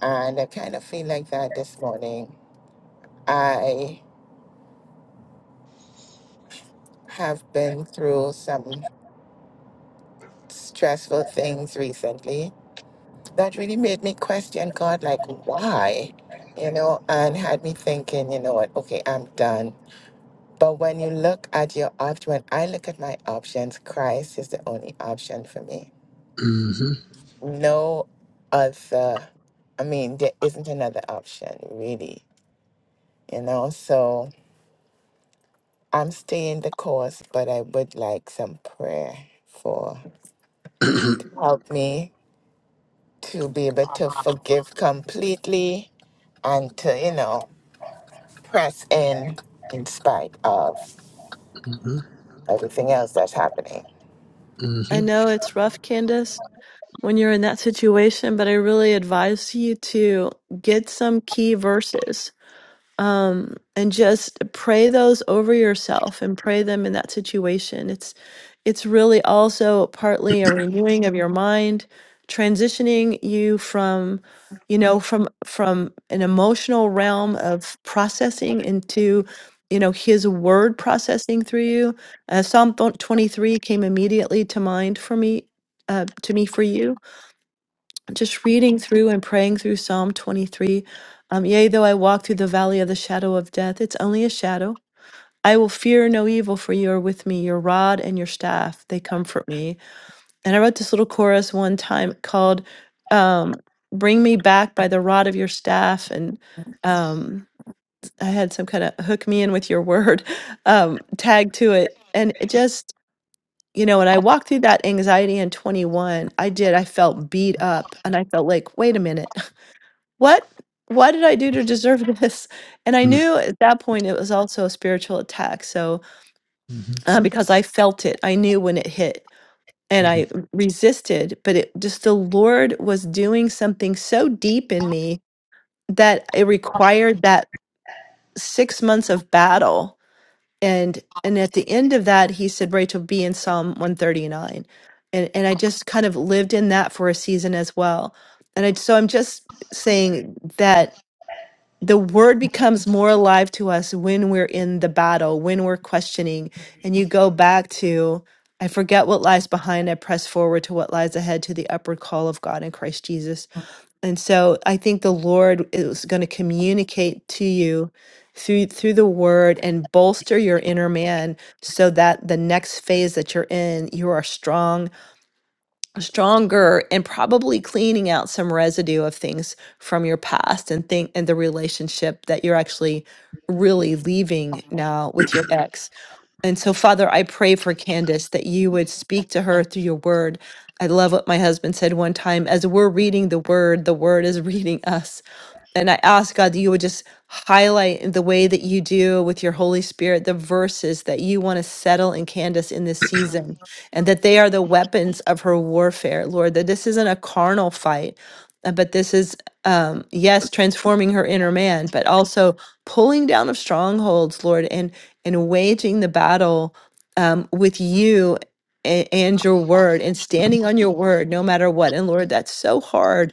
[SPEAKER 2] And I kind of feel like that this morning. I have been through some stressful things recently that really made me question God, like, why? You know, and had me thinking, you know what, okay, I'm done But when you look at your option, when I look at my options, Christ is the only option for me.
[SPEAKER 1] Mm-hmm.
[SPEAKER 2] No other, I mean, there isn't another option really, you know? So I'm staying the course, but I would like some prayer for help me to be able to forgive completely and to, you know, press in in spite of
[SPEAKER 1] mm-hmm.
[SPEAKER 2] everything else that's happening.
[SPEAKER 3] I
[SPEAKER 1] Mm-hmm.
[SPEAKER 3] know it's rough, Candace, when you're in that situation, but I really advise you to get some key verses um, and just pray those over yourself and pray them in that situation. It's it's really also partly a renewing of your mind, transitioning you from you know from from an emotional realm of processing into you know his word processing through you uh, psalm 23 came immediately to mind for me uh, to me for you just reading through and praying through Psalm 23. Um, yea, though I walk through the valley of the shadow of death, it's only a shadow. I will fear no evil, for you are with me. Your rod and your staff, they comfort me. And I wrote this little chorus one time called um, Bring Me Back by the Rod of Your Staff. And um, I had some kind of hook me in with your word um, tag to it. And it just, you know, when I walked through that anxiety in 21, I did, I felt beat up and I felt like, wait a minute what why did I do to deserve this? And I knew at that point it was also a spiritual attack. So
[SPEAKER 1] Mm-hmm.
[SPEAKER 3] uh, because I felt it, I knew when it hit and
[SPEAKER 1] Mm-hmm.
[SPEAKER 3] I resisted, but it just the Lord was doing something so deep in me that it required that six months of battle. And and at the end of that, he said, Rachel, be in Psalm one thirty nine," And and I just kind of lived in that for a season as well. And I so I'm just saying that the word becomes more alive to us when we're in the battle, when we're questioning, and you go back to, I forget what lies behind, I press forward to what lies ahead to the upward call of God in Christ Jesus. And so I think the Lord is going to communicate to you through through the word and bolster your inner man so that the next phase that you're in you are strong stronger and probably cleaning out some residue of things from your past and think and the relationship that you're actually really leaving now with your ex. And so Father, I pray for Candace that you would speak to her through your word. I love what my husband said one time as we're reading the word, the word is reading us. And I ask God that you would just highlight in the way that you do with your Holy Spirit the verses that you want to settle in Candace in this season, and that they are the weapons of her warfare, Lord, that this isn't a carnal fight, uh, but this is, um, yes, transforming her inner man, but also pulling down of strongholds, Lord, and, and waging the battle um, with you. a- And your word and standing on your word no matter what. And Lord, that's so hard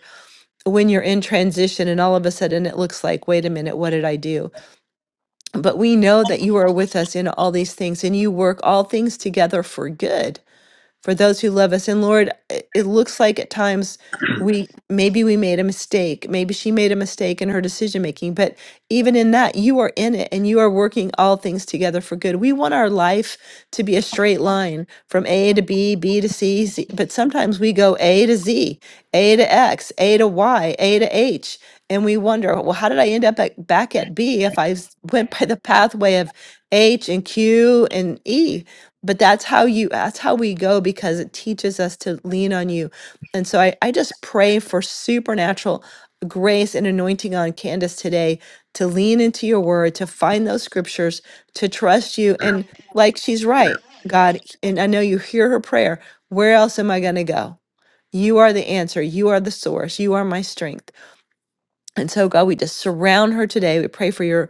[SPEAKER 3] when you're in transition and all of a sudden it looks like, wait a minute, what did I do? But we know that you are with us in all these things and you work all things together for good for those who love us. And Lord, it it looks like at times we maybe we made a mistake. Maybe she made a mistake in her decision making, but even in that, you are in it and you are working all things together for good. We want our life to be a straight line from A to B, B to C, Z, but sometimes we go A to Z, A to X, A to Y, A to H. And we wonder, well, how did I end up at, back at B if I s- went by the pathway of H and Q and E? but that's how you that's how we go because it teaches us to lean on you and so i, I just pray for supernatural grace and anointing on candace today to lean into your word to find those scriptures to trust you and like she's right god and i know you hear her prayer where else am i going to go you are the answer you are the source you are my strength and so, God, we just surround her today. We pray for your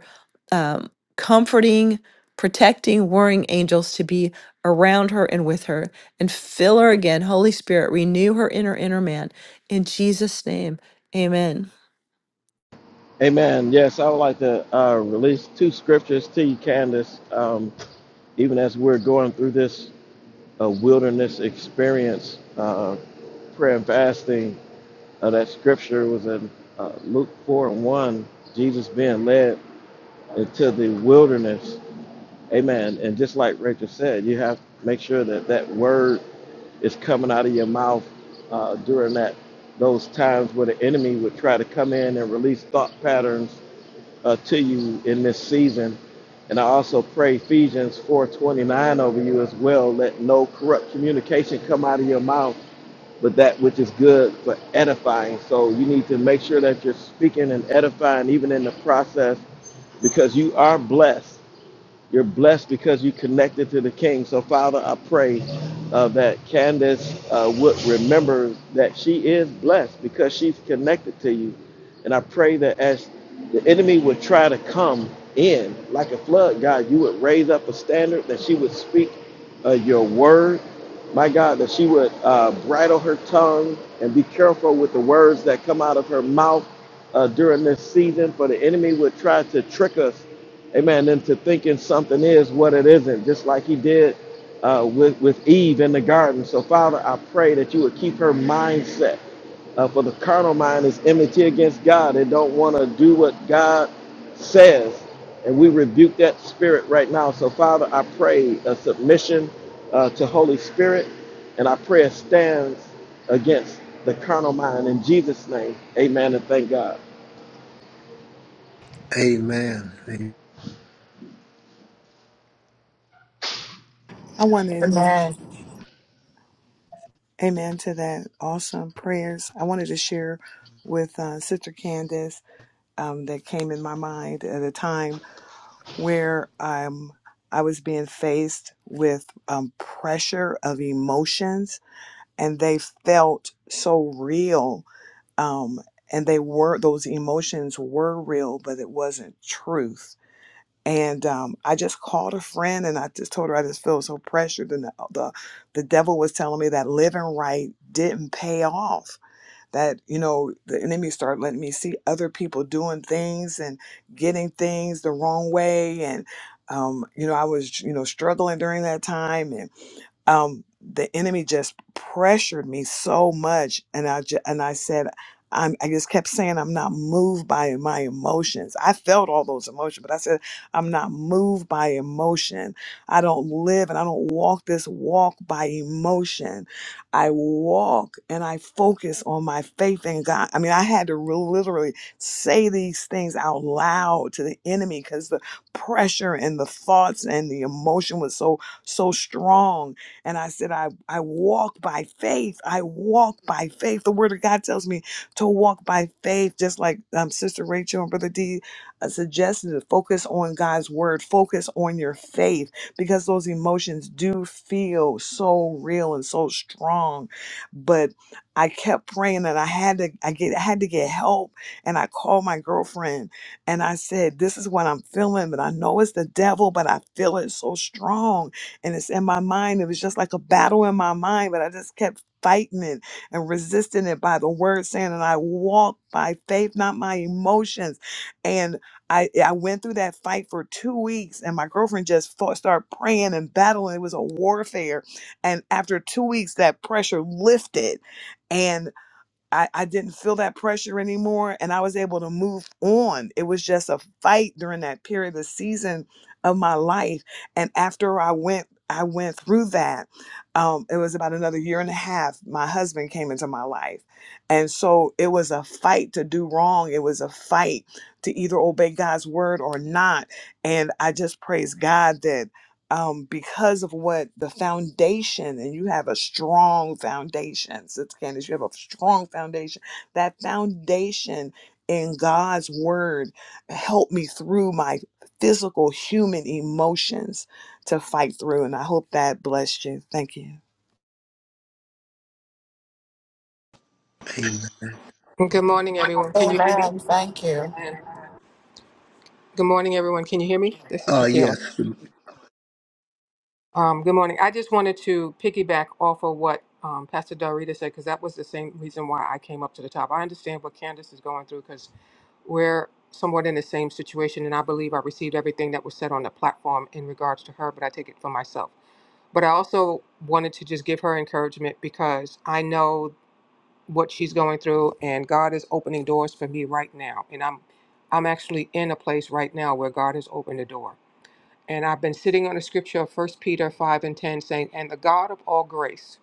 [SPEAKER 3] um, comforting, protecting, worrying angels to be around her and with her and fill her again. Holy Spirit, renew her inner, inner man. In Jesus' name, amen.
[SPEAKER 6] Amen. Yes, I would like to uh, release two scriptures to you, Candace. Um, even as we're going through this uh, wilderness experience, uh, prayer and fasting, uh, that scripture was in uh, Luke 4 and 1, Jesus being led into the wilderness. Amen. And just like Rachel said, you have to make sure that that word is coming out of your mouth uh, during that those times where the enemy would try to come in and release thought patterns uh, to you in this season. And I also pray Ephesians 4:29 over you as well. Let no corrupt communication come out of your mouth, but that which is good for edifying. So you need to make sure that you're speaking and edifying even in the process because you are blessed you're blessed because you connected to the King. So, Father, I pray uh, that Candace uh, would remember that she is blessed because she's connected to you. And I pray that as the enemy would try to come in like a flood, God, you would raise up a standard, that she would speak uh, your word. My God, that she would uh, bridle her tongue and be careful with the words that come out of her mouth uh, during this season, for the enemy would try to trick us Amen. Into thinking something is what it isn't, just like he did uh, with, with Eve in the garden. So, Father, I pray that you would keep her mindset. Uh, for the carnal mind is enmity against God. It don't want to do what God says. And we rebuke that spirit right now. So, Father, I pray a submission uh, to Holy Spirit. And I pray it stands against the carnal mind. In Jesus' name, amen and thank God.
[SPEAKER 1] Amen.
[SPEAKER 4] I wanted, to,
[SPEAKER 2] Amen.
[SPEAKER 4] amen, to that awesome prayers. I wanted to share with uh, Sister Candace um, that came in my mind at a time where um, I was being faced with um, pressure of emotions and they felt so real um, and they were those emotions were real, but it wasn't truth. And um, I just called a friend, and I just told her I just feel so pressured, and the uh, the, the devil was telling me that living right didn't pay off. That you know the enemy started letting me see other people doing things and getting things the wrong way, and um, you know I was you know struggling during that time, and um, the enemy just pressured me so much, and I ju- and I said, I'm, I just kept saying I'm not moved by my emotions. I felt all those emotions, but I said I'm not moved by emotion. I don't live and I don't walk this walk by emotion. I walk and I focus on my faith in God. I mean, I had to re- literally say these things out loud to the enemy because the pressure and the thoughts and the emotion was so so strong and I said, I, I walk by faith. I walk by faith. The word of God tells me to walk by faith, just like um, Sister Rachel and Brother D uh, suggested to focus on God's word, focus on your faith, because those emotions do feel so real and so strong. But I kept praying and I had to I get I had to get help and I called my girlfriend and I said, This is what I'm feeling, but I know it's the devil, but I feel it so strong and it's in my mind. It was just like a battle in my mind, but I just kept fighting it and resisting it by the word saying, and I walked by faith, not my emotions. And I, I went through that fight for two weeks, and my girlfriend just fought, started praying and battling. It was a warfare. And after two weeks, that pressure lifted and. I, I didn't feel that pressure anymore and I was able to move on. It was just a fight during that period of season of my life. And after I went, I went through that. Um, it was about another year and a half. My husband came into my life. And so it was a fight to do wrong. It was a fight to either obey God's word or not. And I just praise God that um, because of what the foundation, and you have a strong foundation, Sister Candace, you have a strong foundation. That foundation in God's word helped me through my physical human emotions to fight through. And I hope that blessed you. Thank you.
[SPEAKER 1] Amen.
[SPEAKER 8] Good morning, everyone. Can you hear me?
[SPEAKER 2] Amen. Thank you.
[SPEAKER 8] Amen. Good morning, everyone. Can you hear me? This is
[SPEAKER 1] Uh,
[SPEAKER 8] Sakila.
[SPEAKER 1] yes.
[SPEAKER 8] Um, good morning. I just wanted to piggyback off of what um, Pastor Dorita said because that was the same reason why I came up to the top. I understand what Candace is going through because we're somewhat in the same situation, and I believe I received everything that was said on the platform in regards to her, but I take it for myself. But I also wanted to just give her encouragement because I know what she's going through and God is opening doors for me right now. And I'm I'm actually in a place right now where God has opened a door. And I've been sitting on the scripture of First Peter 5 and 10 saying, And the God of all grace,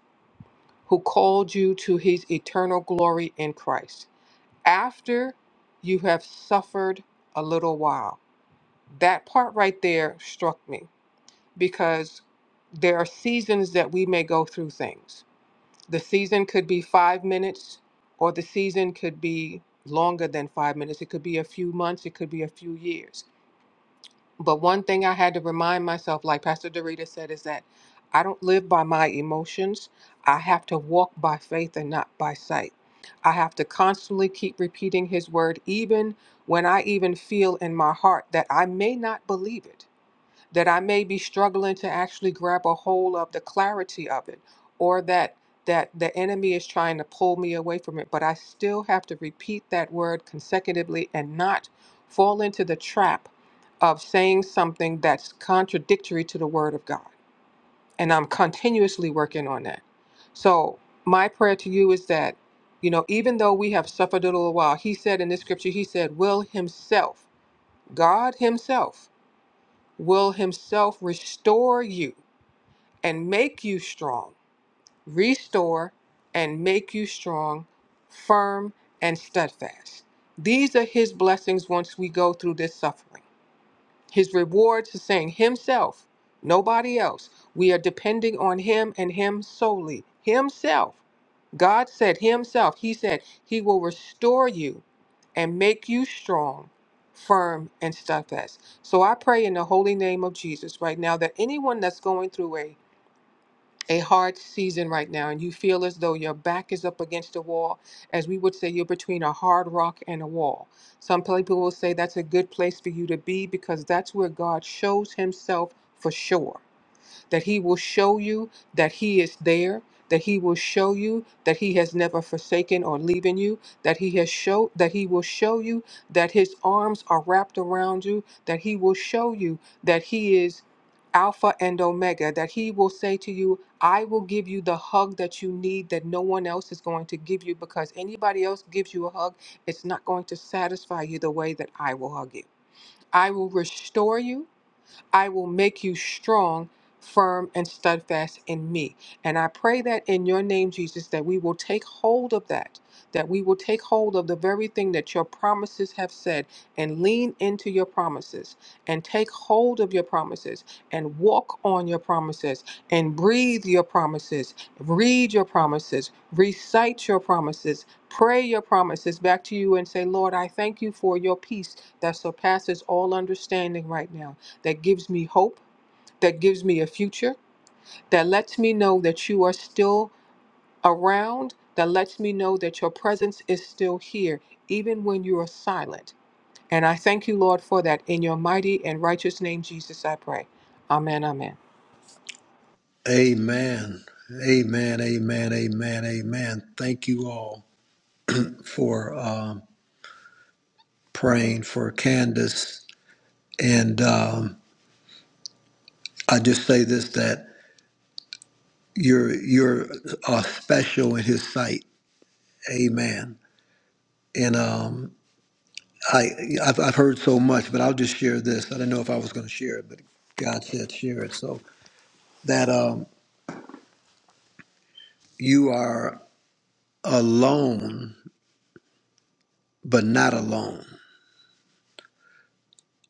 [SPEAKER 8] who called you to his eternal glory in Christ, after you have suffered a little while. That part right there struck me because there are seasons that we may go through things the season could be five minutes, or the season could be longer than five minutes. It could be a few months, it could be a few years. But one thing I had to remind myself, like Pastor Dorita said, is that I don't live by my emotions. I have to walk by faith and not by sight. I have to constantly keep repeating his word, even when I even feel in my heart that I may not believe it that I may be struggling to actually grab a hold of the clarity of it, or that that the enemy is trying to pull me away from it, but I still have to repeat that word consecutively and not fall into the trap of saying something that's contradictory to the word of God. And I'm continuously working on that. So my prayer to you is that, you know, even though we have suffered a little while, he said in this scripture, he said, will himself, God himself will himself restore you and make you strong, restore and make you strong, firm and steadfast. These are his blessings once we go through this suffering. His rewards are saying himself, nobody else. We are depending on him and him solely, himself. God said Himself, He said, He will restore you and make you strong, firm, and steadfast. So I pray in the holy name of Jesus right now that anyone that's going through a a hard season right now, and you feel as though your back is up against the wall, as we would say, you're between a hard rock and a wall. Some people will say that's a good place for you to be because that's where God shows Himself for sure that he will show you that he is there that he will show you that he has never forsaken or leaving you that he has show that he will show you that his arms are wrapped around you that he will show you that he is alpha and omega that he will say to you i will give you the hug that you need that no one else is going to give you because anybody else gives you a hug it's not going to satisfy you the way that i will hug you i will restore you I will make you strong, firm, and steadfast in me. And I pray that in your name, Jesus, that we will take hold of that, that we will take hold of the very thing that your promises have said and lean into your promises and take hold of your promises and walk on your promises and breathe your promises, read your promises, recite your promises. Pray your promises back to you and say, Lord, I thank you for your peace that surpasses all understanding right now that gives me hope, that gives me a future, that lets me know that you are still around, that lets me know that your presence is still here, even when you are silent. And I thank you, Lord, for that. In your mighty and righteous name, Jesus, I pray. Amen, amen.
[SPEAKER 1] Amen. Amen. Amen. Amen. Amen. Thank you all for um, praying for Candace. And um, I just say this that you're you're uh, special in His sight. Amen. And um, I, I've, I've heard so much, but I'll just share this. I didn't know if I was going to share it, but God said share it. So that um, you are alone, but not alone.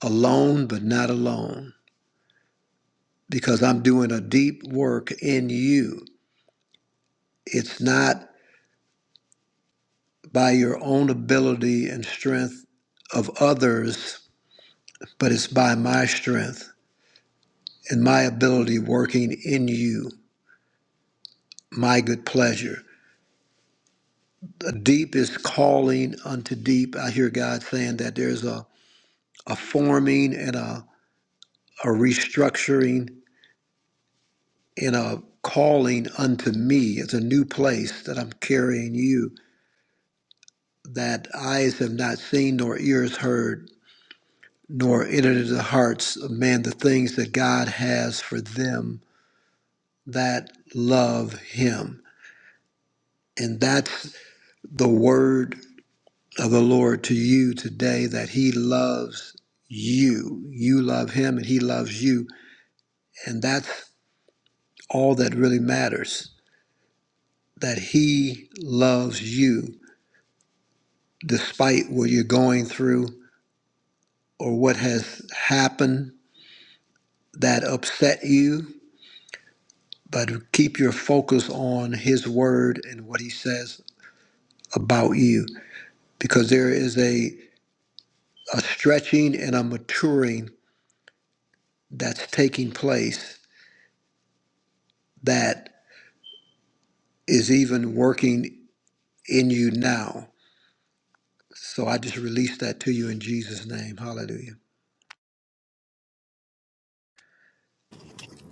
[SPEAKER 1] Alone, but not alone. Because I'm doing a deep work in you. It's not by your own ability and strength of others, but it's by my strength and my ability working in you, my good pleasure. deep is calling unto deep. I hear God saying that there's a, a forming and a, a restructuring and a calling unto me. It's a new place that I'm carrying you that eyes have not seen, nor ears heard, nor entered into the hearts of man the things that God has for them that love him. And that's the word of the Lord to you today that He loves you. You love Him and He loves you. And that's all that really matters that He loves you despite what you're going through or what has happened that upset you. But keep your focus on His Word and what He says about you because there is a, a stretching and a maturing that's taking place that is even working in you now. So I just release that to you in Jesus' name. Hallelujah.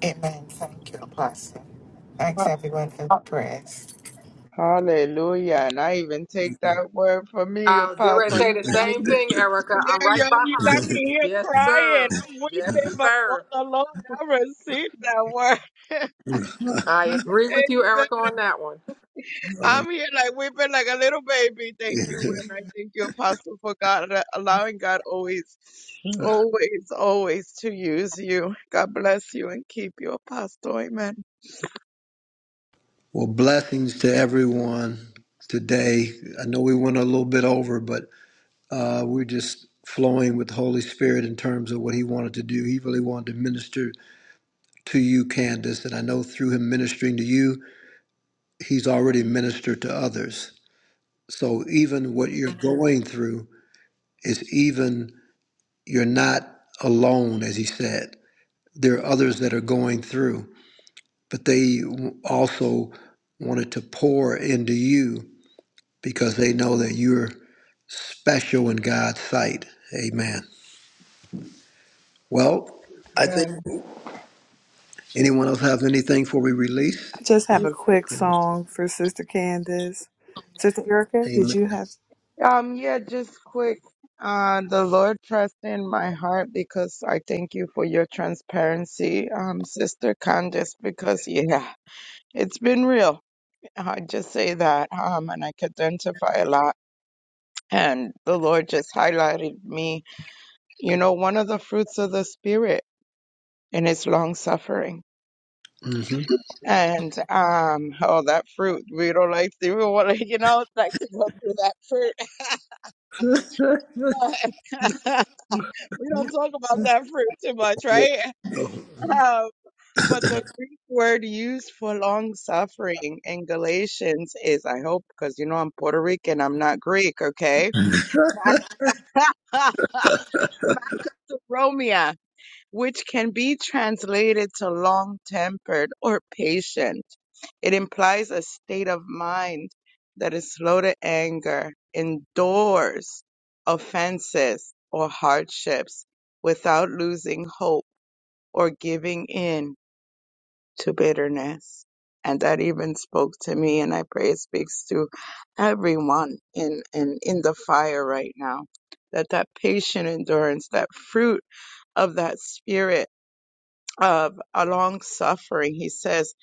[SPEAKER 2] Amen. Thank you, Apostle. Thanks, everyone, for the prayers.
[SPEAKER 5] Hallelujah. And I even take that word for me,
[SPEAKER 8] I was getting ready to
[SPEAKER 5] Apostle. You
[SPEAKER 8] say the
[SPEAKER 5] got me
[SPEAKER 8] same thing, Erica.
[SPEAKER 5] yeah,
[SPEAKER 8] I'm right
[SPEAKER 5] yeah,
[SPEAKER 8] behind
[SPEAKER 5] you got me
[SPEAKER 8] you.
[SPEAKER 5] here
[SPEAKER 8] Yes,
[SPEAKER 5] crying.
[SPEAKER 8] sir.
[SPEAKER 5] I'm
[SPEAKER 8] Yes,
[SPEAKER 5] weeping before
[SPEAKER 8] sir.
[SPEAKER 5] the Lord. I received that word.
[SPEAKER 8] I agree with you,
[SPEAKER 5] Amen.
[SPEAKER 8] Erica, on that one.
[SPEAKER 1] All right.
[SPEAKER 5] I'm here like weeping like a little baby. Thank you. And I thank you, Apostle, for God uh, allowing God always, always, always to use you. God bless you and keep you, Apostle. Amen.
[SPEAKER 1] well, blessings to everyone today. I know we went a little bit over, but uh, we're just flowing with the Holy Spirit in terms of what He wanted to do. He really wanted to minister to you, Candace, and I know through Him ministering to you, He's already ministered to others. So even what you're going through is even you're not alone, as He said. there are others that are going through, but they also wanted to pour into you because they know that you're special in God's sight. Amen. Well, I think
[SPEAKER 5] Amen.
[SPEAKER 1] anyone else have anything before we release?
[SPEAKER 4] I just have a quick
[SPEAKER 1] Anyone?
[SPEAKER 4] song for Sister Candace. Sister Erica, did
[SPEAKER 1] Amen.
[SPEAKER 4] you have,
[SPEAKER 5] Um, yeah, just quick. Uh, the Lord trust in my heart because I thank you for your transparency, um, Sister Candace, because yeah, it's been real. I just say that. Um, and I could identify a lot. And the Lord just highlighted me, you know, one of the fruits of the Spirit and it's long suffering.
[SPEAKER 1] hmm
[SPEAKER 5] And um, oh, that fruit we don't like. We don't want to, you know, like to go through that fruit. we don't talk about that fruit too much, right?
[SPEAKER 1] Oh,
[SPEAKER 5] Um, but the Greek word used for long suffering in Galatians is, I hope, because you know I'm Puerto Rican, I'm not Greek, okay? Macromia, which can be translated to long tempered or patient. It implies a state of mind that is slow to anger, endures offenses or hardships without losing hope or giving in to bitterness. And that even spoke to me, and I pray it speaks to everyone in, in, in the fire right now. That that patient endurance, that fruit of that spirit of a long suffering, he says,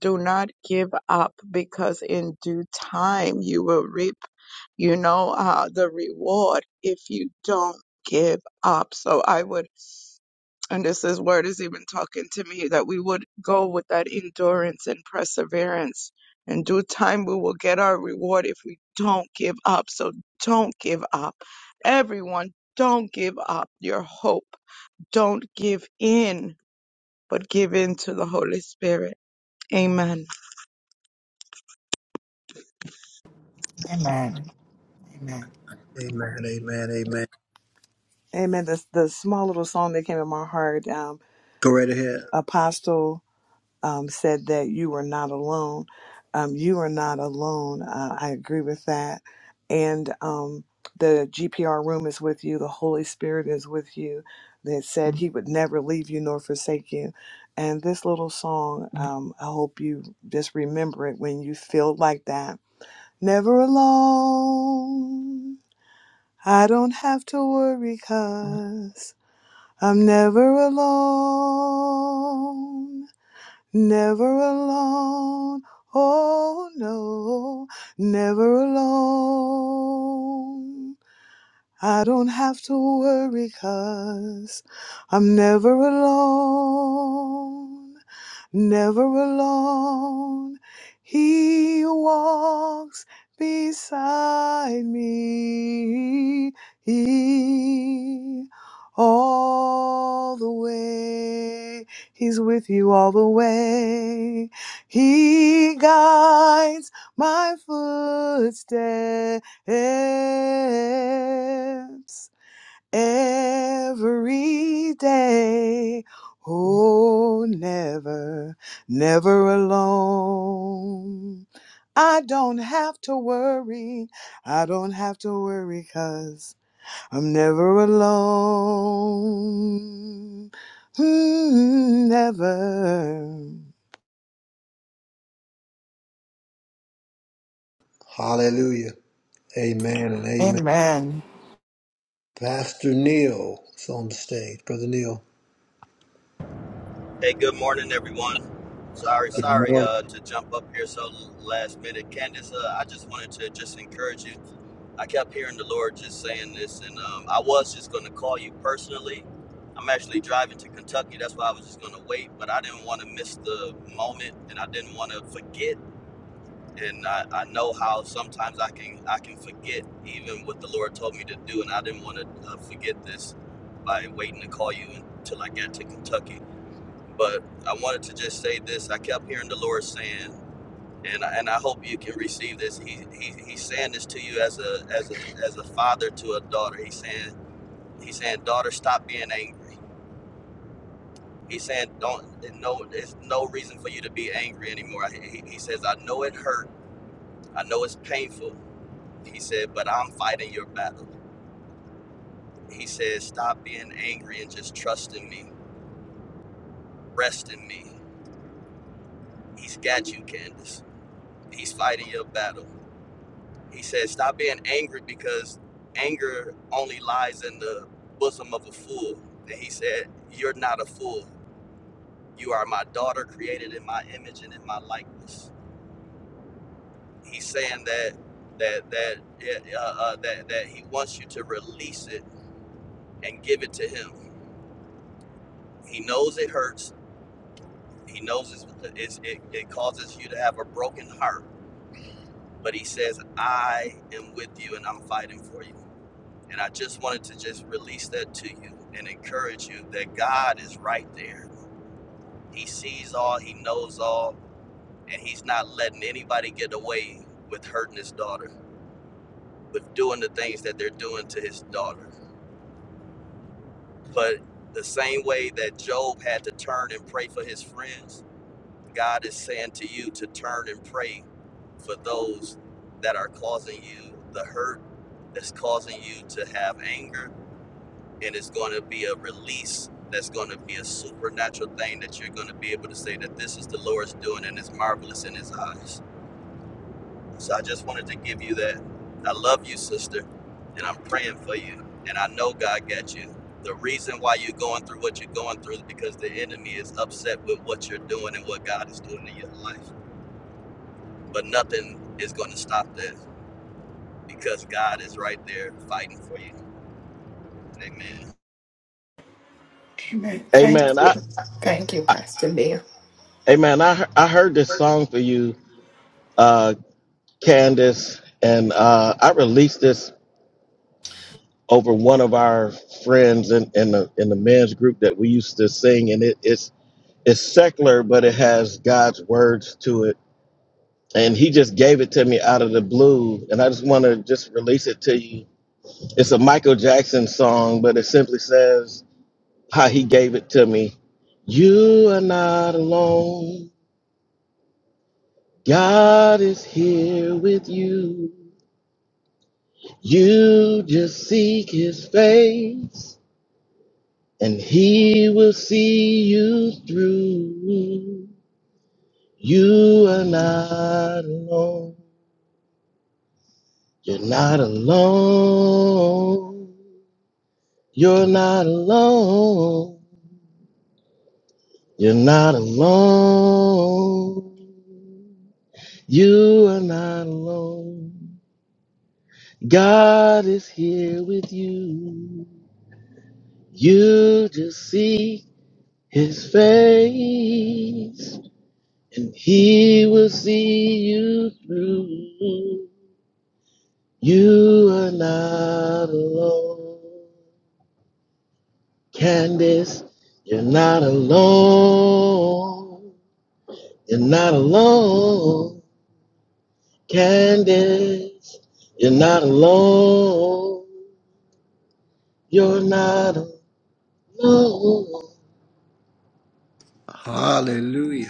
[SPEAKER 5] do not give up because in due time you will reap, you know, uh, the reward if you don't give up. So I would and this is word is even talking to me that we would go with that endurance and perseverance. In due time, we will get our reward if we don't give up. So don't give up. Everyone, don't give up your hope. Don't give in, but give in to the Holy Spirit. Amen.
[SPEAKER 2] Amen. Amen.
[SPEAKER 1] amen. Amen. Amen.
[SPEAKER 4] amen, the, the small little song that came in my heart, um,
[SPEAKER 1] Go right ahead.
[SPEAKER 4] Apostle. um, said that you were not alone. Um, you are not alone. Uh, I agree with that. And um, the GPR room is with you. The Holy Spirit is with you. That said, He would never leave you nor forsake you. And this little song, um, I hope you just remember it when you feel like that. Never alone. I don't have to worry because I'm never alone. Never alone. Oh no, never alone. I don't have to worry i I'm never alone never alone. He walks beside me all the way. He's with you all the way. He guides my footsteps every day. Oh, never, never alone. I don't have to worry. I don't have to worry 'cause I'm never alone. Mm, never.
[SPEAKER 1] Hallelujah. Amen and amen.
[SPEAKER 2] Amen. Amen.
[SPEAKER 1] Pastor Neil is on the stage. Brother Neil.
[SPEAKER 9] Hey, good morning, everyone. Sorry,
[SPEAKER 1] Good
[SPEAKER 9] sorry
[SPEAKER 1] morning.
[SPEAKER 9] uh, to jump up here so last minute. Candace, uh, I just wanted to just encourage you. I kept hearing the Lord just saying this, and um, I was just going to call you personally. I'm actually driving to Kentucky. That's why I was just going to wait, but I didn't want to miss the moment, and I didn't want to forget. And I, I know how sometimes I can I can forget even what the Lord told me to do, and I didn't want to uh, forget this by waiting to call you until I got to Kentucky. But I wanted to just say this. I kept hearing the Lord saying, and I, and I hope you can receive this. He, he he's saying this to you as a as a as a father to a daughter. He's saying he's saying daughter, stop being angry. He's saying don't no there's no reason for you to be angry anymore. He, he says I know it hurt. I know it's painful. He said, but I'm fighting your battle. He says stop being angry and just trust in me. Rest in me. He's got you, Candace. He's fighting your battle. He said, Stop being angry because anger only lies in the bosom of a fool. And he said, You're not a fool. You are my daughter, created in my image and in my likeness. He's saying that that that uh, uh, uh, that that he wants you to release it and give it to him. He knows it hurts. He knows it's, it's, it, it causes you to have a broken heart. But he says, "I am with you, and I'm fighting for you." And I just wanted to just release that to you and encourage you that God is right there. He sees all, He knows all, and He's not letting anybody get away with hurting His daughter, with doing the things that they're doing to His daughter. But the same way that Job had to turn and pray for his friends, God is saying to you to turn and pray for those that are causing you the hurt, that's causing you to have anger, and it's going to be a release that's going to be a supernatural thing that you're going to be able to say that this is the Lord's doing and it's marvelous in His eyes. So I just wanted to give you that. I love you, sister, and I'm praying for you. And I know God got you. The reason why you're going through what you're going through is because the enemy is upset with what you're doing and what God is doing in your life. But nothing is going to stop that because God is right there fighting for you. Amen.
[SPEAKER 2] Thank
[SPEAKER 6] Amen.
[SPEAKER 2] you.
[SPEAKER 6] I,
[SPEAKER 2] Thank you, Pastor Leah.
[SPEAKER 6] amen. I, I heard this song for you uh, Candace, and uh, I released this over one of our friends in, in the in the men's group that we used to sing, and it, it's it's secular, but it has God's words to it. And he just gave it to me out of the blue, and I just want to just release it to you. It's a Michael Jackson song, but it simply says how he gave it to me. You are not alone. God is here with you. You just seek his face, and he will see you through. You are not alone. You're not alone. You're not alone. You're not alone. You are not alone. God is here with you. You just seek. his face, and he will see you through. You are not alone. Candace, you're not alone. You're not alone. Candace, you're not alone. You're not alone.
[SPEAKER 1] Hallelujah.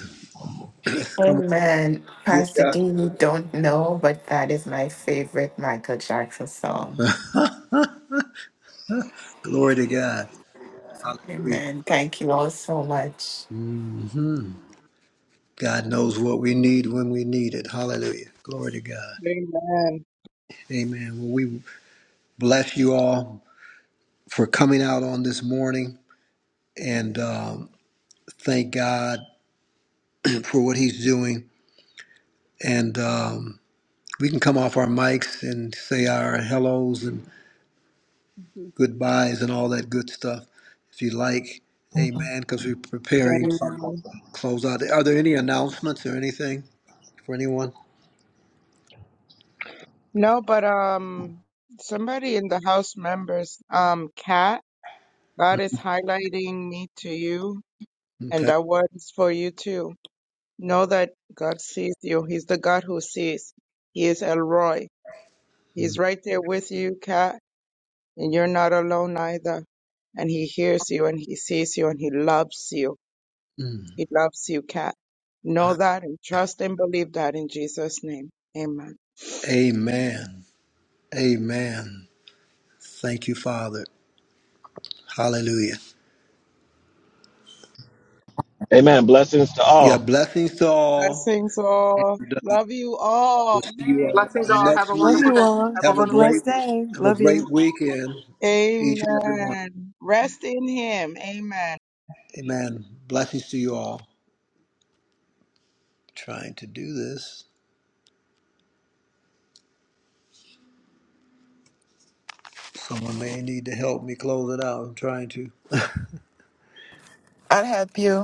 [SPEAKER 1] Let's come on.
[SPEAKER 2] Amen.
[SPEAKER 1] Give
[SPEAKER 2] Pastor
[SPEAKER 1] God
[SPEAKER 2] Dean, you don't know, but that is my favorite Michael Jackson song.
[SPEAKER 1] Glory to God. Hallelujah.
[SPEAKER 2] Amen. Thank you all so much.
[SPEAKER 1] hmm God knows what we need when we need it. Hallelujah. Glory to God.
[SPEAKER 5] Amen.
[SPEAKER 1] Amen. Well, we bless you all for coming out on this morning and um, thank God for what He's doing. And um, we can come off our mics and say our hellos and goodbyes and all that good stuff if you like. Amen. Because we're preparing to
[SPEAKER 5] Amen.
[SPEAKER 1] close out. Are there any announcements or anything for anyone?
[SPEAKER 5] No, but um, somebody in the house members, um, Kat, God is highlighting me to you And
[SPEAKER 1] Okay.
[SPEAKER 5] that word is for you too. Know that God sees you. He's the God who sees. He is El Roy. He's right there with you, Kat, and you're not alone either. And He hears you and He sees you and He loves you.
[SPEAKER 1] Mm.
[SPEAKER 5] He loves you, Kat. Know that and trust and believe that in Jesus' name. Amen.
[SPEAKER 1] Amen. Amen. Thank you, Father. Hallelujah.
[SPEAKER 6] Amen. Blessings to
[SPEAKER 1] Yeah,
[SPEAKER 6] all.
[SPEAKER 1] blessings to all.
[SPEAKER 5] Blessings all. Love you all.
[SPEAKER 1] We'll see you all
[SPEAKER 8] Blessings all. Have
[SPEAKER 1] next
[SPEAKER 8] a
[SPEAKER 4] Love
[SPEAKER 1] week.
[SPEAKER 8] wonderful
[SPEAKER 4] you
[SPEAKER 8] day.
[SPEAKER 4] all.
[SPEAKER 8] Have a
[SPEAKER 4] Have
[SPEAKER 1] Have a
[SPEAKER 4] a
[SPEAKER 8] wonderful
[SPEAKER 1] great
[SPEAKER 4] blessed
[SPEAKER 8] weekend.
[SPEAKER 4] day.
[SPEAKER 1] have a
[SPEAKER 4] Love you.
[SPEAKER 1] great weekend,
[SPEAKER 5] Amen.
[SPEAKER 1] each and every one.
[SPEAKER 5] Amen. Rest in Him. Amen.
[SPEAKER 1] Amen. Blessings to you all. Trying to do this. Someone may need to help me close it out. I'm trying to.
[SPEAKER 2] I'll help you.